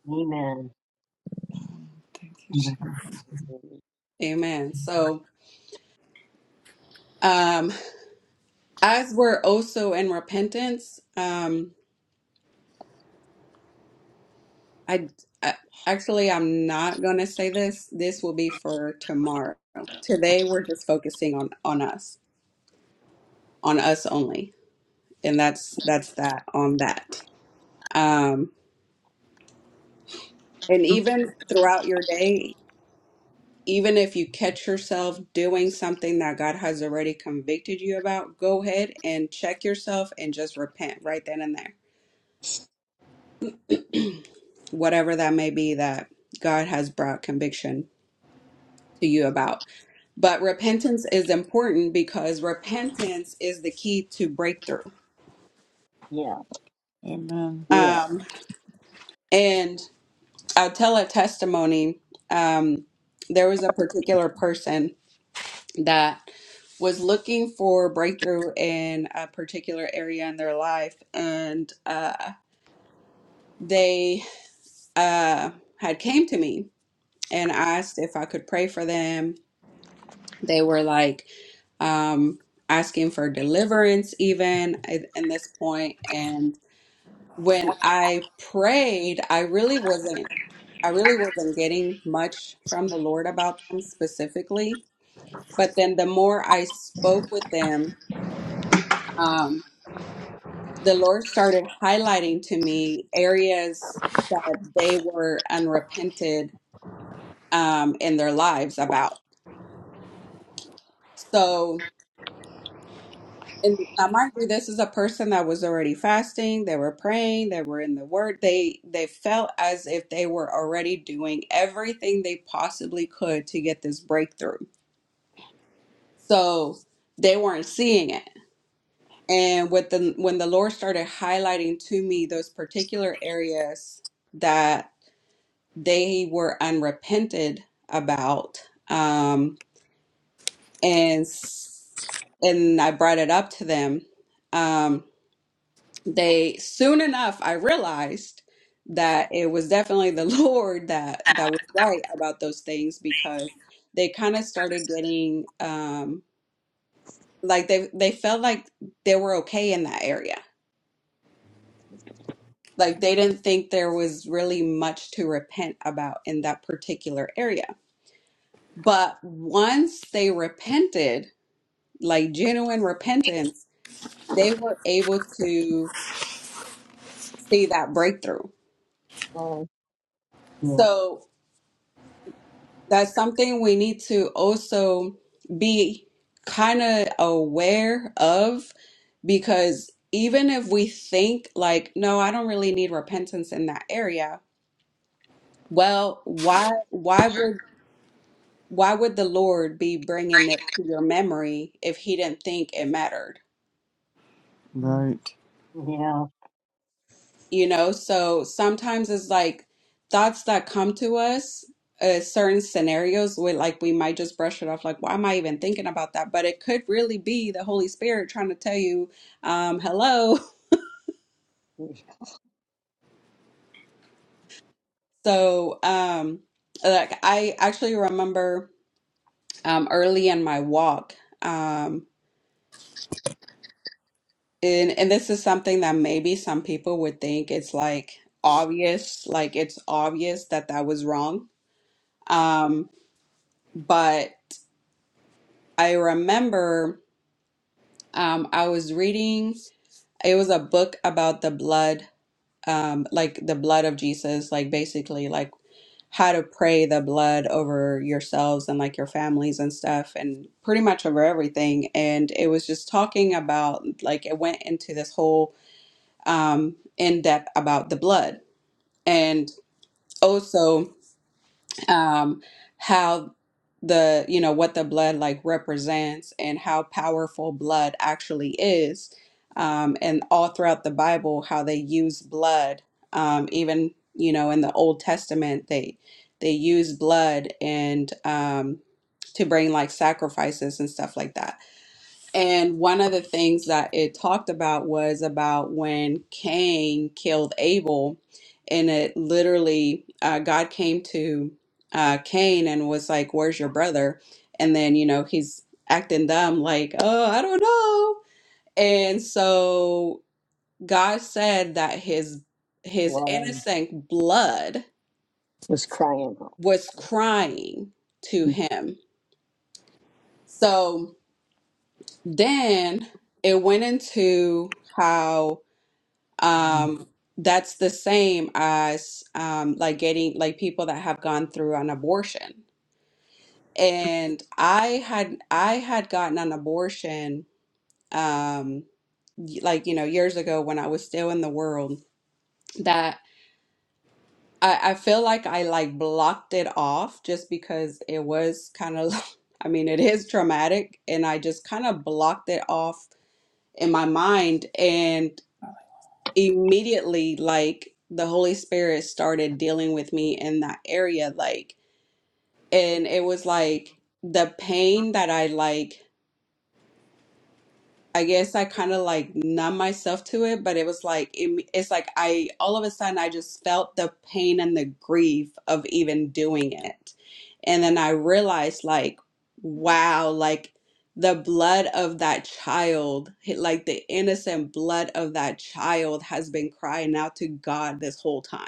Speaker 4: Amen.
Speaker 2: Thank you. Jesus.
Speaker 4: Mhm.
Speaker 1: Amen. So, um, as we're also in repentance, um. I, I actually I'm not gonna say this. This will be for tomorrow. Today we're just focusing on on us, on us only, and that's that's that on that. Um, and even throughout your day, even if you catch yourself doing something that God has already convicted you about, go ahead and check yourself and just repent right then and there, whatever that may be that God has brought conviction to you about. But repentance is important because repentance is the key to breakthrough.
Speaker 4: Yeah,
Speaker 2: Amen.
Speaker 4: yeah,
Speaker 1: Um, and I'll tell a testimony. Um, there was a particular person that was looking for breakthrough in a particular area in their life, and uh, they uh, had came to me and asked if I could pray for them They were like um, asking for deliverance, even at, in this point. And when I prayed, I really wasn't. I really wasn't getting much from the Lord about them specifically. But then the more I spoke with them, um, the Lord started highlighting to me areas that they were unrepented um, in their lives about. So And now, mind you, this is a person that was already fasting. They were praying. They were in the Word. They they felt as if they were already doing everything they possibly could to get this breakthrough. So they weren't seeing it. And with the when the Lord started highlighting to me those particular areas that they were unrepented about, um, and s- and I brought it up to them. Um, they soon enough i realized that it was definitely the lord that that was right about those things because they kind of started getting um like they they felt like they were okay in that area like they didn't think there was really much to repent about in that particular area but once they repented like genuine repentance they were able to see that breakthrough
Speaker 4: um, yeah,
Speaker 1: so That's something we need to also be kind of aware of because even if we think like, no, I don't really need repentance in that area, well, why why would why would the Lord be bringing it to your memory if he didn't think it mattered?
Speaker 2: Right.
Speaker 4: yeah.
Speaker 1: you know so sometimes it's like thoughts that come to us uh, certain scenarios where like we might just brush it off like why am i even thinking about that but it could really be the holy spirit trying to tell you um hello so um like i actually remember um early in my walk um and and this is something that maybe some people would think it's like obvious like it's obvious that that was wrong um but I remember Um, I was reading, it was a book about the blood, um, like the blood of Jesus, like basically like how to pray the blood over yourselves and like your families and stuff and pretty much over everything. And it was just talking about like it went into this whole um in depth about the blood. And also um, how the you know what the blood like represents and how powerful blood actually is um, and all throughout the bible how they use blood um, even you know in the old testament they they use blood and um, to bring like sacrifices and stuff like that and one of the things that it talked about was about when Cain killed Abel, and it literally, uh, God came to uh, Cain and was like, Where's your brother? And then, you know, he's acting dumb, like, Oh, I don't know. And so God said that his his
Speaker 4: Well,
Speaker 1: innocent blood
Speaker 4: I was crying.
Speaker 1: was crying to
Speaker 4: Yeah.
Speaker 1: him. So then it went into how Um, that's the same as um, like getting like people that have gone through an abortion. And I had I had gotten an abortion um, y- like you know years ago when I was still in the world that I, I feel like I like blocked it off just because it was kind of I mean it is traumatic and I just kind of blocked it off in my mind immediately like the holy spirit started dealing with me in that area like and it was like the pain that i like i guess i kind of like numb myself to it but it was like it, it's like i all of a sudden i just felt the pain and the grief of even doing it and then i realized like wow like the blood of that child, like the innocent blood of that child, has been crying out to God this whole time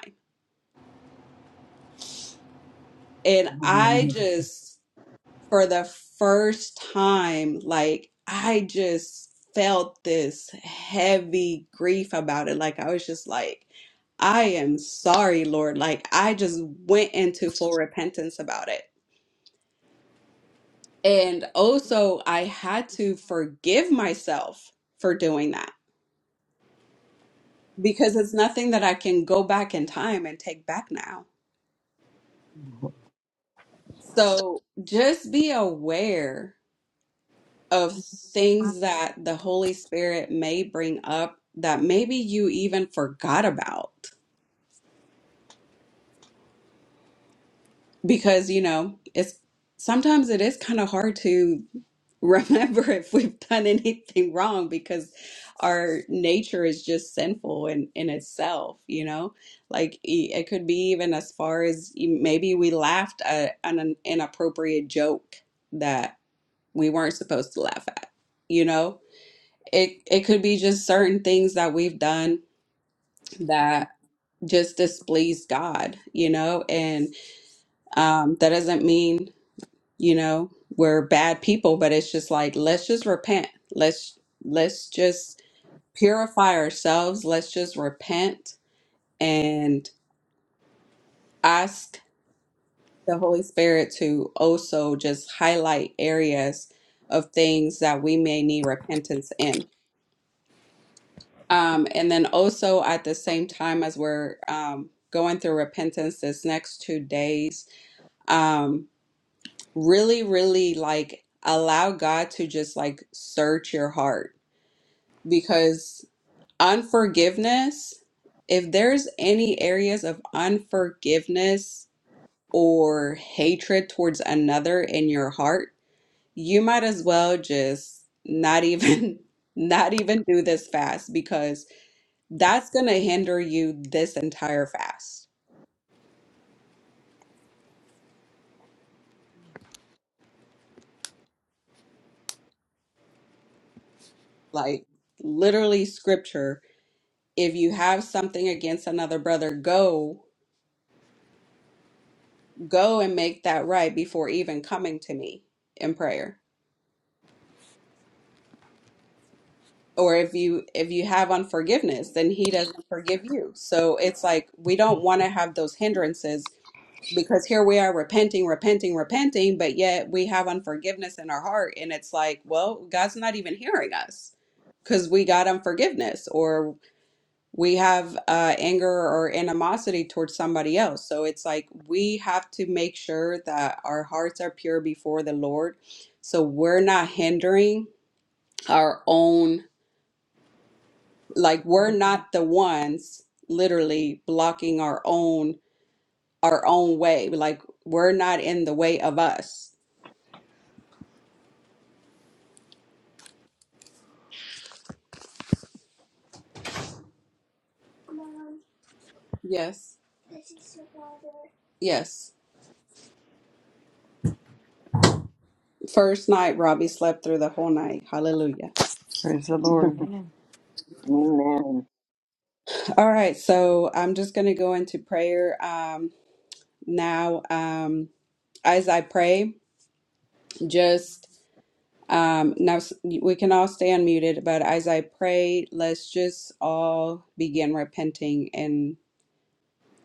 Speaker 1: And I just, for the first time, like, I just felt this heavy grief about it. Like, I was just like, I am sorry, Lord. Like, I just went into full repentance about it. And also, I had to forgive myself for doing that because it's nothing that I can go back in time and take back now. So just be aware of things that the Holy Spirit may bring up that maybe you even forgot about because you know it's sometimes it is kind of hard to remember if we've done anything wrong because our nature is just sinful in in itself you know like e- it could be even as far as e- maybe we laughed at an inappropriate joke that we weren't supposed to laugh at you know It it could be just certain things that we've done that just displease God, you know, and um, that doesn't mean you know we're bad people, but it's just like let's just repent. Let's let's just purify ourselves. Let's just repent and ask the Holy Spirit to also just highlight areas of things that we may need repentance in Um, and then also at the same time as we're um, going through repentance this next two days, um, really, really like allow God to just like search your heart because unforgiveness, if there's any areas of unforgiveness or hatred towards another in your heart, you might as well just not even not even do this fast because that's going to hinder you this entire fast. Like literally scripture, if you have something against another brother, go go and make that right before even coming to me in prayer. Or if you if you have unforgiveness, then he doesn't forgive you. So it's like we don't want to have those hindrances because here we are repenting, repenting, repenting, but yet we have unforgiveness in our heart and it's like, well, God's not even hearing us because we got unforgiveness or we have uh, anger or animosity towards somebody else. So it's like we have to make sure that our hearts are pure before the Lord. So we're not hindering our own, like we're not the ones literally blocking our own our own way. Like we're not in the way of us. Yes. Yes. First night, Robbie slept through the whole night. Hallelujah.
Speaker 2: Praise the Lord.
Speaker 7: Yeah.
Speaker 4: Amen.
Speaker 1: All right, so I'm just going to go into prayer. Um, Now, um, as I pray, just um, now s- we can all stay unmuted, but as I pray, let's just all begin repenting in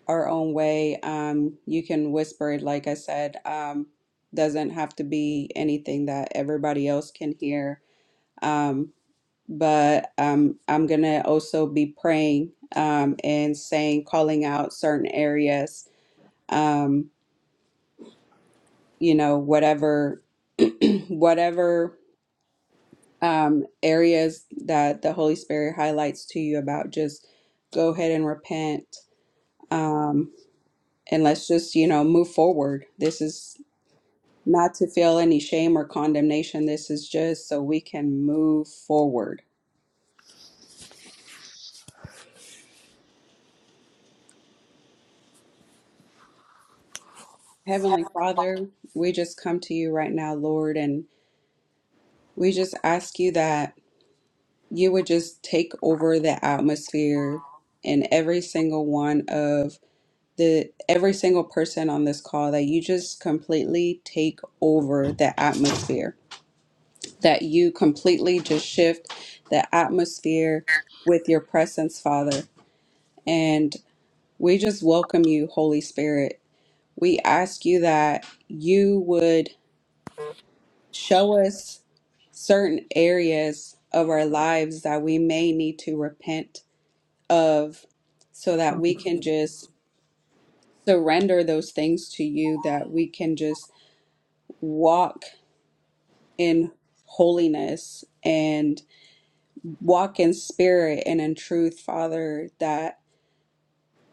Speaker 1: our own way. Um, you can whisper it, like I said, um, doesn't have to be anything that everybody else can hear. Um, but um, I'm gonna also be praying um, and saying, calling out certain areas. Um, you know, whatever, whatever. um, areas that the Holy Spirit highlights to you about just go ahead and repent um, and let's just, you know, move forward. This is not to feel any shame or condemnation. This is just so we can move forward. Heavenly Father, we just come to you right now, Lord, and we just ask you that you would just take over the atmosphere in every single one of the every single person on this call that you just completely take over the atmosphere that you completely just shift the atmosphere with your presence father and we just welcome you holy spirit we ask you that you would show us certain areas of our lives that we may need to repent of so that we can just surrender those things to you that we can just walk in holiness and walk in spirit and in truth, Father, that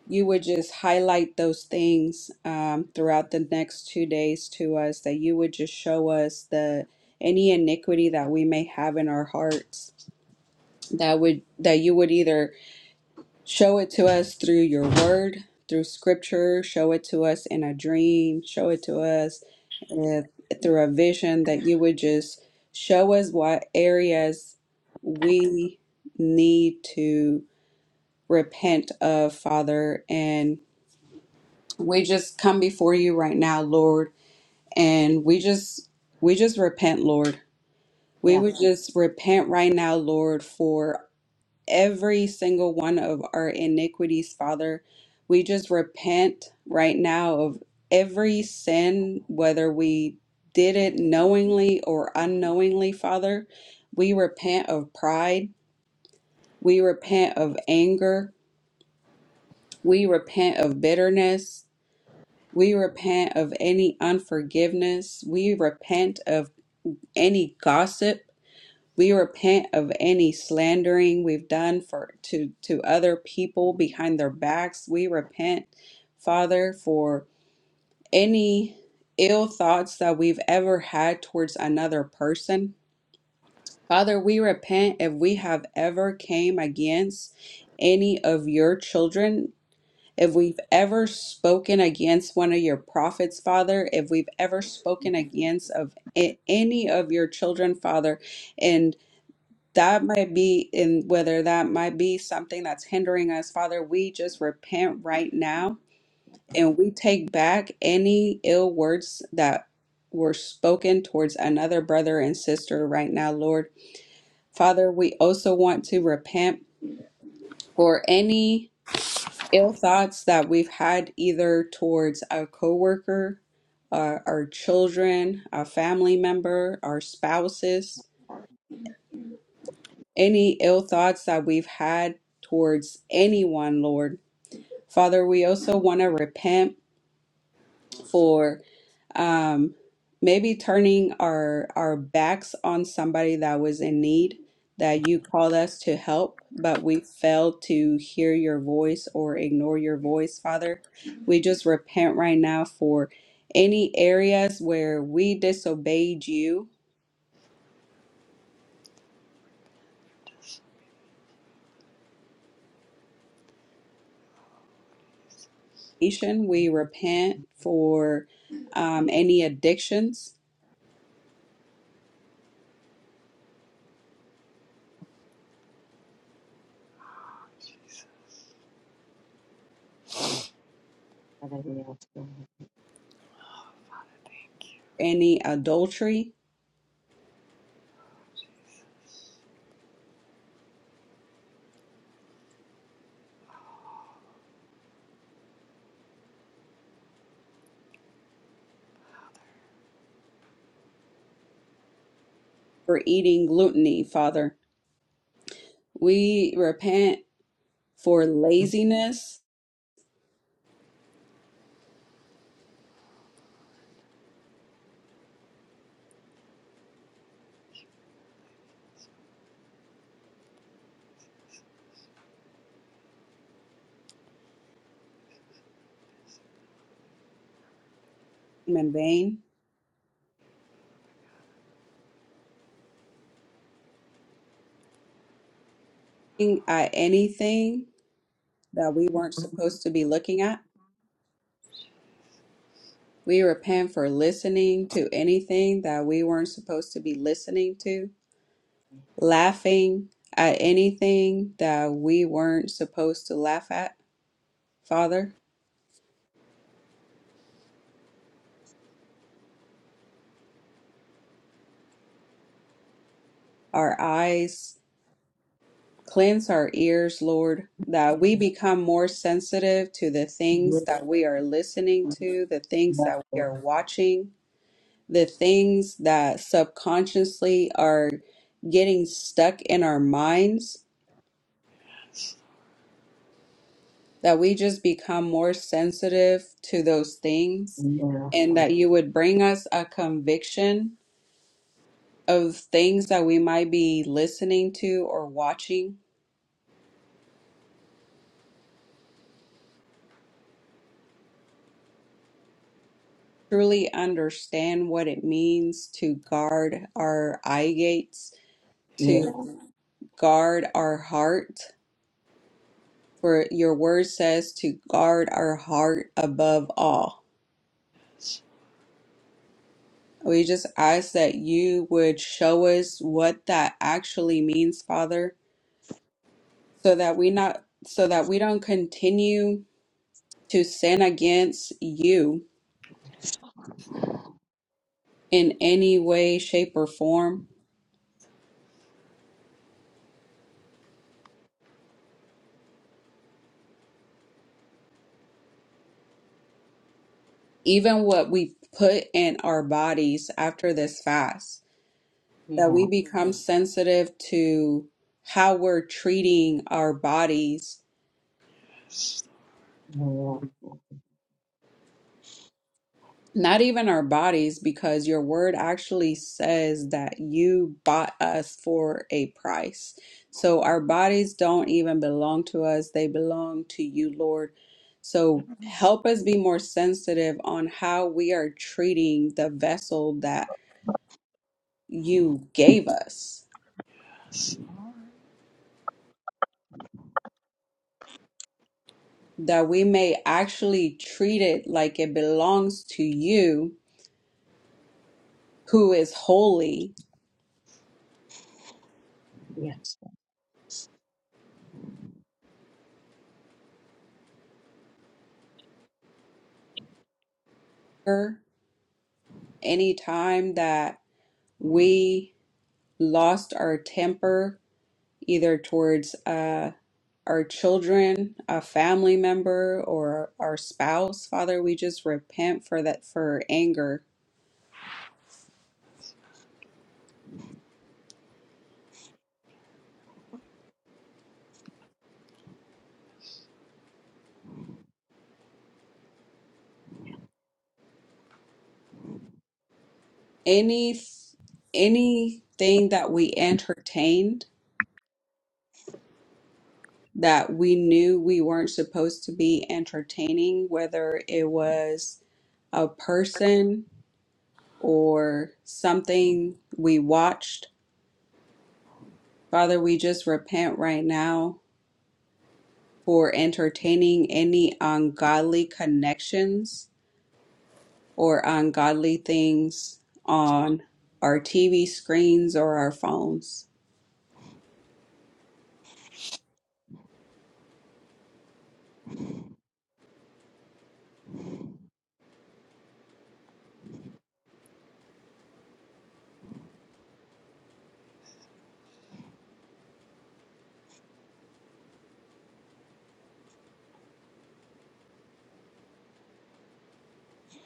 Speaker 1: you would just highlight those things um, throughout the next two days to us, that you would just show us the any iniquity that we may have in our hearts that would that you would either Show it to us through your word, through scripture. Show it to us in a dream. Show it to us uh, through a vision that you would just show us what areas we need to repent of, Father. And we just come before you right now, Lord. And we just, we just repent, Lord. We would
Speaker 4: Yes.
Speaker 1: just repent right now, Lord, for every single one of our iniquities, Father. We just repent right now of every sin, whether we did it knowingly or unknowingly, Father. We repent of pride. We repent of anger. We repent of bitterness. We repent of any unforgiveness. We repent of any gossip. We repent of any slandering we've done for to to other people behind their backs. We repent, Father, for any ill thoughts that we've ever had towards another person. Father, we repent if we have ever came against any of your children, if we've ever spoken against one of your prophets, Father, if we've ever spoken against of a- any of your children, Father, and that might be in whether that might be something that's hindering us father we just repent right now and we take back any ill words that were spoken towards another brother and sister right now lord father we also want to repent for any ill thoughts that we've had either towards a coworker uh, our children a family member our spouses any ill thoughts that we've had towards anyone, Lord. Father, we also want to repent for um, maybe turning our our backs on somebody that was in need that you called us to help, but we failed to hear your voice or ignore your voice, Father. We just repent right now for any areas where we disobeyed you. Nation, We repent for um, any addictions
Speaker 4: Whatever you
Speaker 1: any adultery, for eating gluttony, Father. We repent for laziness and vain, looking at anything that we weren't supposed to be looking at. We repent for listening to anything that we weren't supposed to be listening to, laughing at anything that we weren't supposed to laugh at, Father. Our eyes Cleanse our ears, Lord, that
Speaker 4: Yeah.
Speaker 1: we become more sensitive to the
Speaker 4: Yeah.
Speaker 1: things that we are listening to, the things
Speaker 4: Yeah.
Speaker 1: that we are watching, the things that subconsciously are getting stuck in our minds,
Speaker 2: He was
Speaker 1: that we just become more sensitive to those things,
Speaker 4: Yeah.
Speaker 1: and that you would bring us a conviction of things that we might be listening to or watching truly understand what it means to guard our eye gates, to
Speaker 4: Yeah.
Speaker 1: guard our heart. For your word says to guard our heart above all.
Speaker 2: also a
Speaker 1: We just ask that you would show us what that actually means, Father, so that we not so that we don't continue to sin against you in any way, shape, or form. Even what we put in our bodies after this fast. that
Speaker 4: Yeah.
Speaker 1: we become sensitive to how we're treating our bodies,
Speaker 4: Yeah.
Speaker 1: not even our bodies, because your word actually says that you bought us for a price. So our bodies don't even belong to us, they belong to you, Lord. So help us be more sensitive on how we are treating the vessel that you gave us,
Speaker 2: member of the Society
Speaker 1: that we may actually treat it like it belongs to you who is holy.
Speaker 4: Yes. yes.
Speaker 1: Any time that we lost our temper, either towards uh, our children, a family member, or our spouse, Father, we just repent for that for anger. Any anything that we entertained that we knew we weren't supposed to be entertaining, whether it was a person or something we watched Father, we just repent right now for entertaining any ungodly connections or ungodly things on our TV screens or our phones.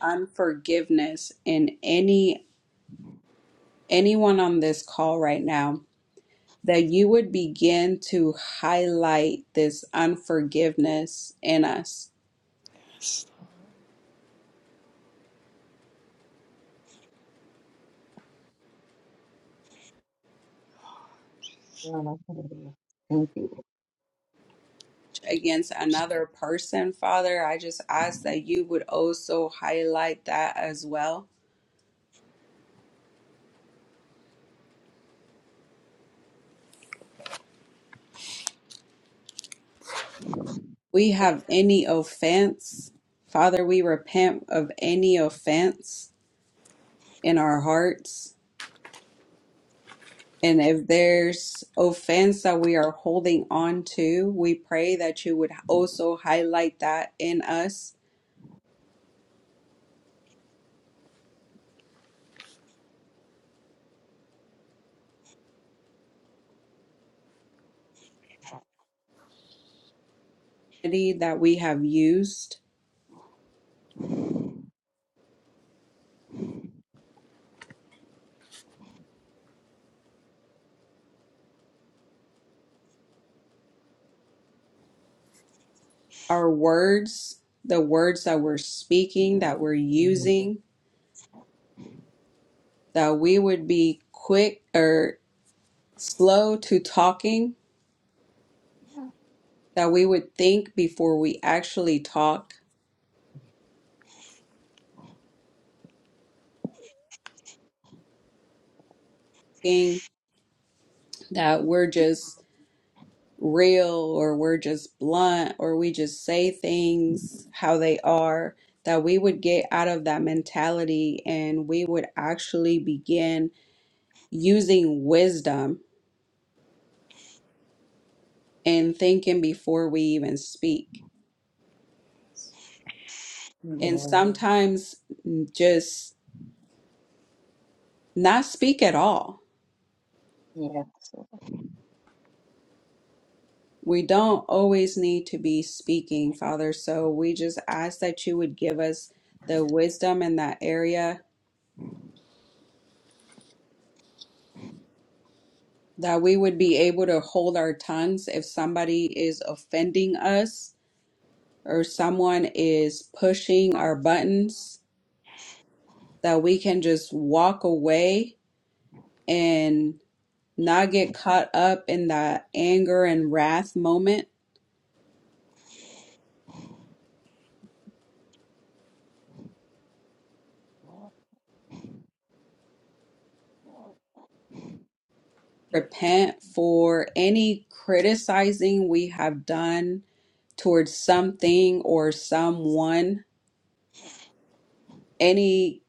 Speaker 1: Unforgiveness in any anyone on this call right now that you would begin to highlight this unforgiveness in us
Speaker 2: of Antiquaries.
Speaker 4: Well, whatever you- Thank you.
Speaker 1: against another person, Father. I just ask that you would also highlight that as well we have any offense, Father, we repent of any offense in our hearts. And if there's offense that we are holding on to, we pray that you would also highlight that in us that we have used, our words, the words that we're speaking, that we're
Speaker 4: Mhm.
Speaker 1: using, that we would be quick or slow to talking,
Speaker 4: Yeah.
Speaker 1: that we would think before we actually talk that we're just real or we're just blunt or we just say things how they are, that we would get out of that mentality and we would actually begin using wisdom and thinking before we even speak. And
Speaker 4: Yeah.
Speaker 1: sometimes just not speak at all.
Speaker 4: Yes.
Speaker 1: We don't always need to be speaking, Father. So we just ask that you would give us the wisdom in that area that we would be able to hold our tongues if somebody is offending us or someone is pushing our buttons, that we can just walk away and not get caught up in that anger and wrath moment. Repent for any criticizing we have done towards something or someone, any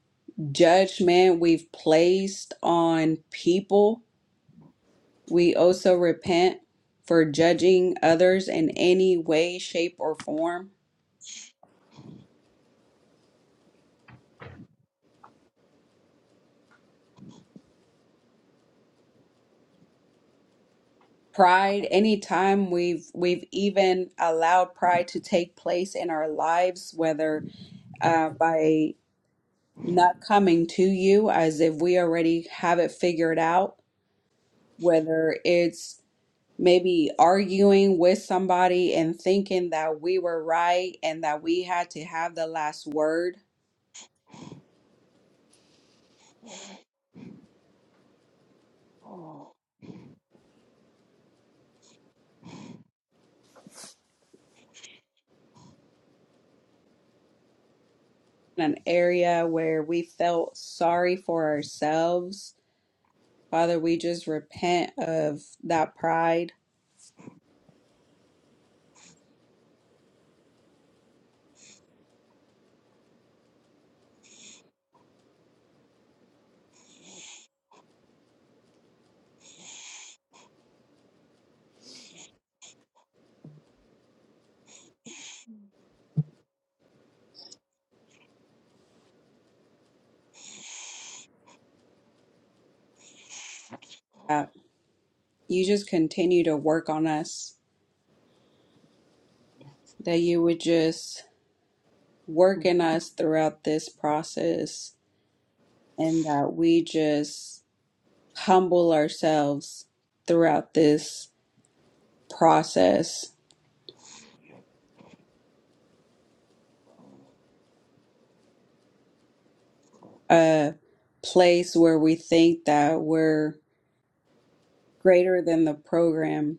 Speaker 1: judgment we've placed on people We also repent for judging others in any way, shape, or form. Pride, anytime we've we've even allowed pride to take place in our lives, whether uh, by not coming to you as if we already have it figured out, whether it's maybe arguing with somebody and thinking that we were right and that we had to have the last word
Speaker 7: Oh,
Speaker 1: an area where we felt sorry for ourselves, Father, we just repent of that pride. That you just continue to work on us, that you would just work in us throughout this process, and that we just humble ourselves throughout this process. A place where we think that we're greater than the program,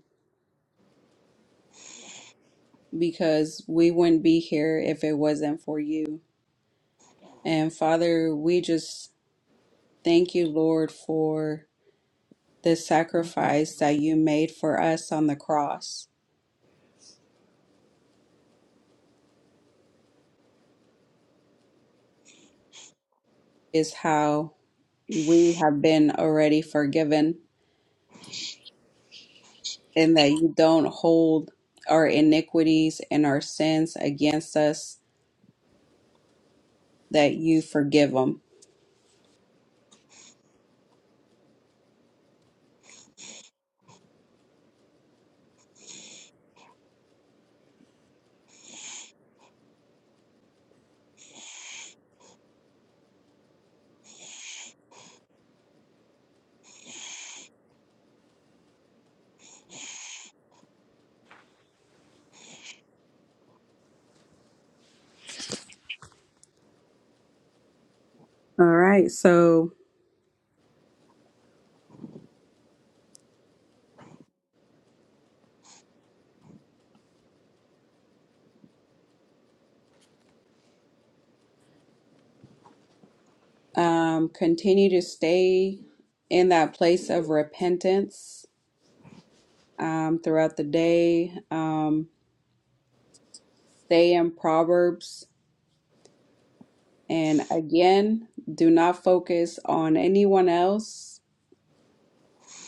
Speaker 1: because we wouldn't be here if it wasn't for you. And Father, we just thank you, Lord, for the
Speaker 3: Mm.
Speaker 1: sacrifice that you made for us on the cross, is how we have been already forgiven, and that you don't hold our iniquities and our sins against us, that you forgive them. All right, so um, continue to stay in that place of repentance um, throughout the day. Um, stay in Proverbs. And again, do not focus on anyone else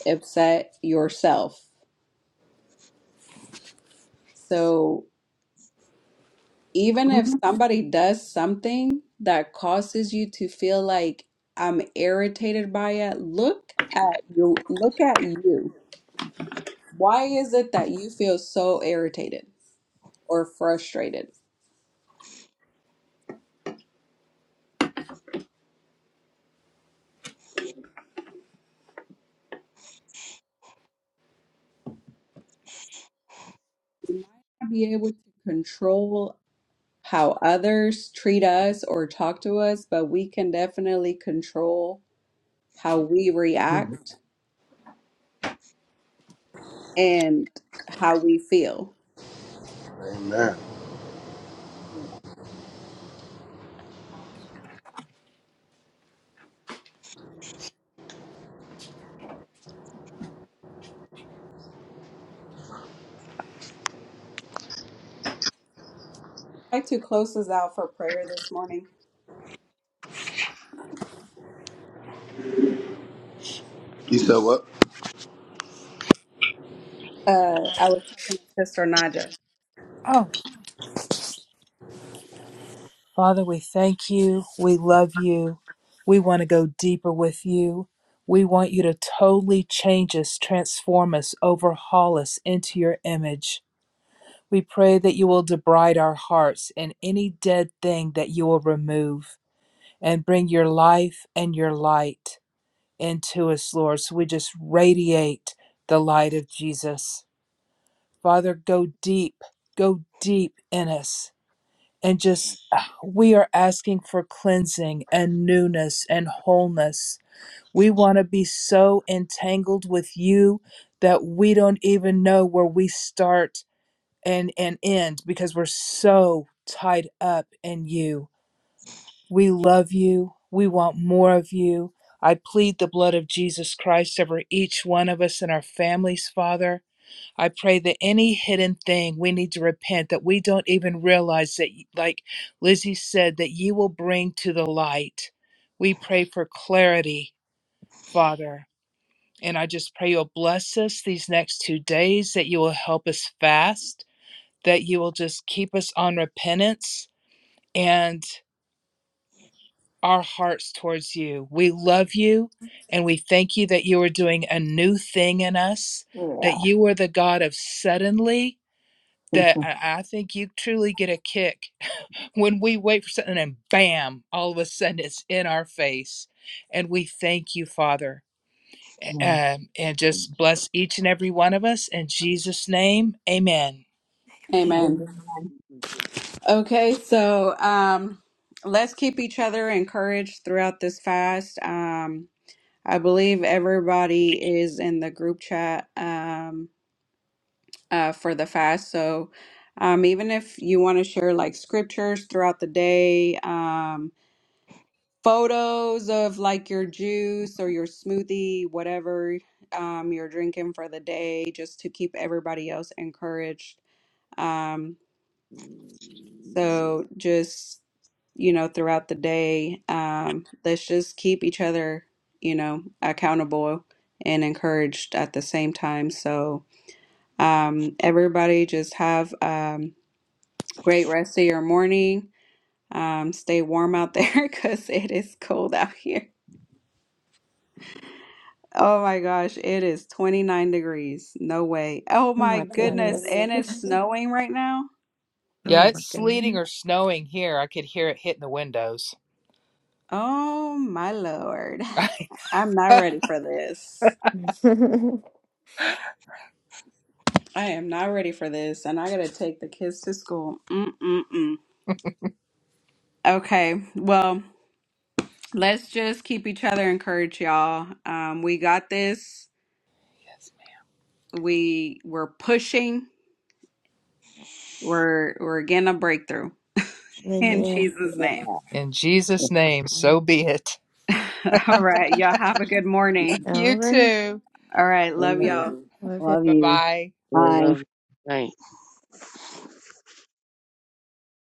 Speaker 1: except yourself. So even
Speaker 3: Amen.
Speaker 1: if somebody does something that causes you to feel like I'm irritated by it, look at you. Look at you. Why is it that you feel so irritated or frustrated? You might not be able to control how others treat us or talk to us, but we can definitely control how we
Speaker 4: Mhm.
Speaker 1: react and how we feel.
Speaker 8: Amen.
Speaker 4: Yeah.
Speaker 1: I'd like to close this out for prayer this morning.
Speaker 8: You said what?
Speaker 1: Uh, I was talking to Sister Naja.
Speaker 6: Oh, Father, we thank you. We love you. We want to go deeper with you. We want you to totally change us, transform us, overhaul us into your image. We pray that you will debride our hearts and any dead thing that you will remove and bring your life and your light into us, Lord. So we just radiate the light of Jesus. Father, go deep, go deep in us and just ah, we are asking for cleansing and newness and wholeness. We want to be so entangled with you that we don't even know where we start and and end because we're so tied up in you. We love you. We want more of you. I plead the blood of Jesus Christ over each one of us and our families, Father. I pray that any hidden thing we need to repent that we don't even realize that, like Lizzie said, that you will bring to the light. We pray for clarity, Father. And I just pray you'll bless us these next two days, that you will help us fast, that you will just keep us on repentance and our hearts towards you. We love you and we thank you that you are doing a new thing in us, that
Speaker 4: Yeah.
Speaker 6: you are the God of suddenly that I, I think you truly get a kick when we wait for something and bam, all of a sudden it's in our face. And we thank you, Father,
Speaker 4: Yeah.
Speaker 6: um, and just bless each and every one of us in Jesus' name. Amen.
Speaker 1: Amen.
Speaker 4: Amen.
Speaker 3: Amen.
Speaker 1: Okay, so um, let's keep each other encouraged throughout this fast. Um, I believe everybody is in the group chat. Um, uh, for the fast. So, um, even if you want to share like scriptures throughout the day, um, photos of like your juice or your smoothie, whatever um, you're drinking for the day, just to keep everybody else encouraged. Um, so, just you know, throughout the day, um, let's just keep each other, you know, accountable and encouraged at the same time. So, um, everybody just have. Um, Great rest of your morning. Um, stay warm out there because it is cold out here. Oh my gosh, it is 29 degrees. No way. Oh
Speaker 3: Oh
Speaker 1: my Oh my
Speaker 3: my
Speaker 1: goodness. Lord.
Speaker 3: goodness.
Speaker 1: And goodness. it's snowing right now.
Speaker 6: Yeah,
Speaker 3: Oh my
Speaker 6: it's sleeting
Speaker 3: goodness.
Speaker 6: or snowing here. I could hear it hitting the windows.
Speaker 1: Oh my Lord. I'm not ready for this. I am not ready for this. And I got to take the kids to school. Mm-mm-mm. Okay. Well, let's just keep each other encouraged, y'all. Um, we got this. We we're pushing. We're we're getting a breakthrough. In
Speaker 7: I love
Speaker 3: Amen.
Speaker 1: Jesus' name.
Speaker 4: Yeah.
Speaker 6: in Jesus' name, so
Speaker 3: Mm.
Speaker 6: be it.
Speaker 1: All right. Y'all have a good morning.
Speaker 3: All
Speaker 6: You
Speaker 3: right.
Speaker 6: too.
Speaker 1: All right. Love
Speaker 7: you.
Speaker 1: y'all.
Speaker 3: love
Speaker 4: Love
Speaker 6: Bye
Speaker 4: you.
Speaker 6: bye.
Speaker 7: I
Speaker 4: Bye.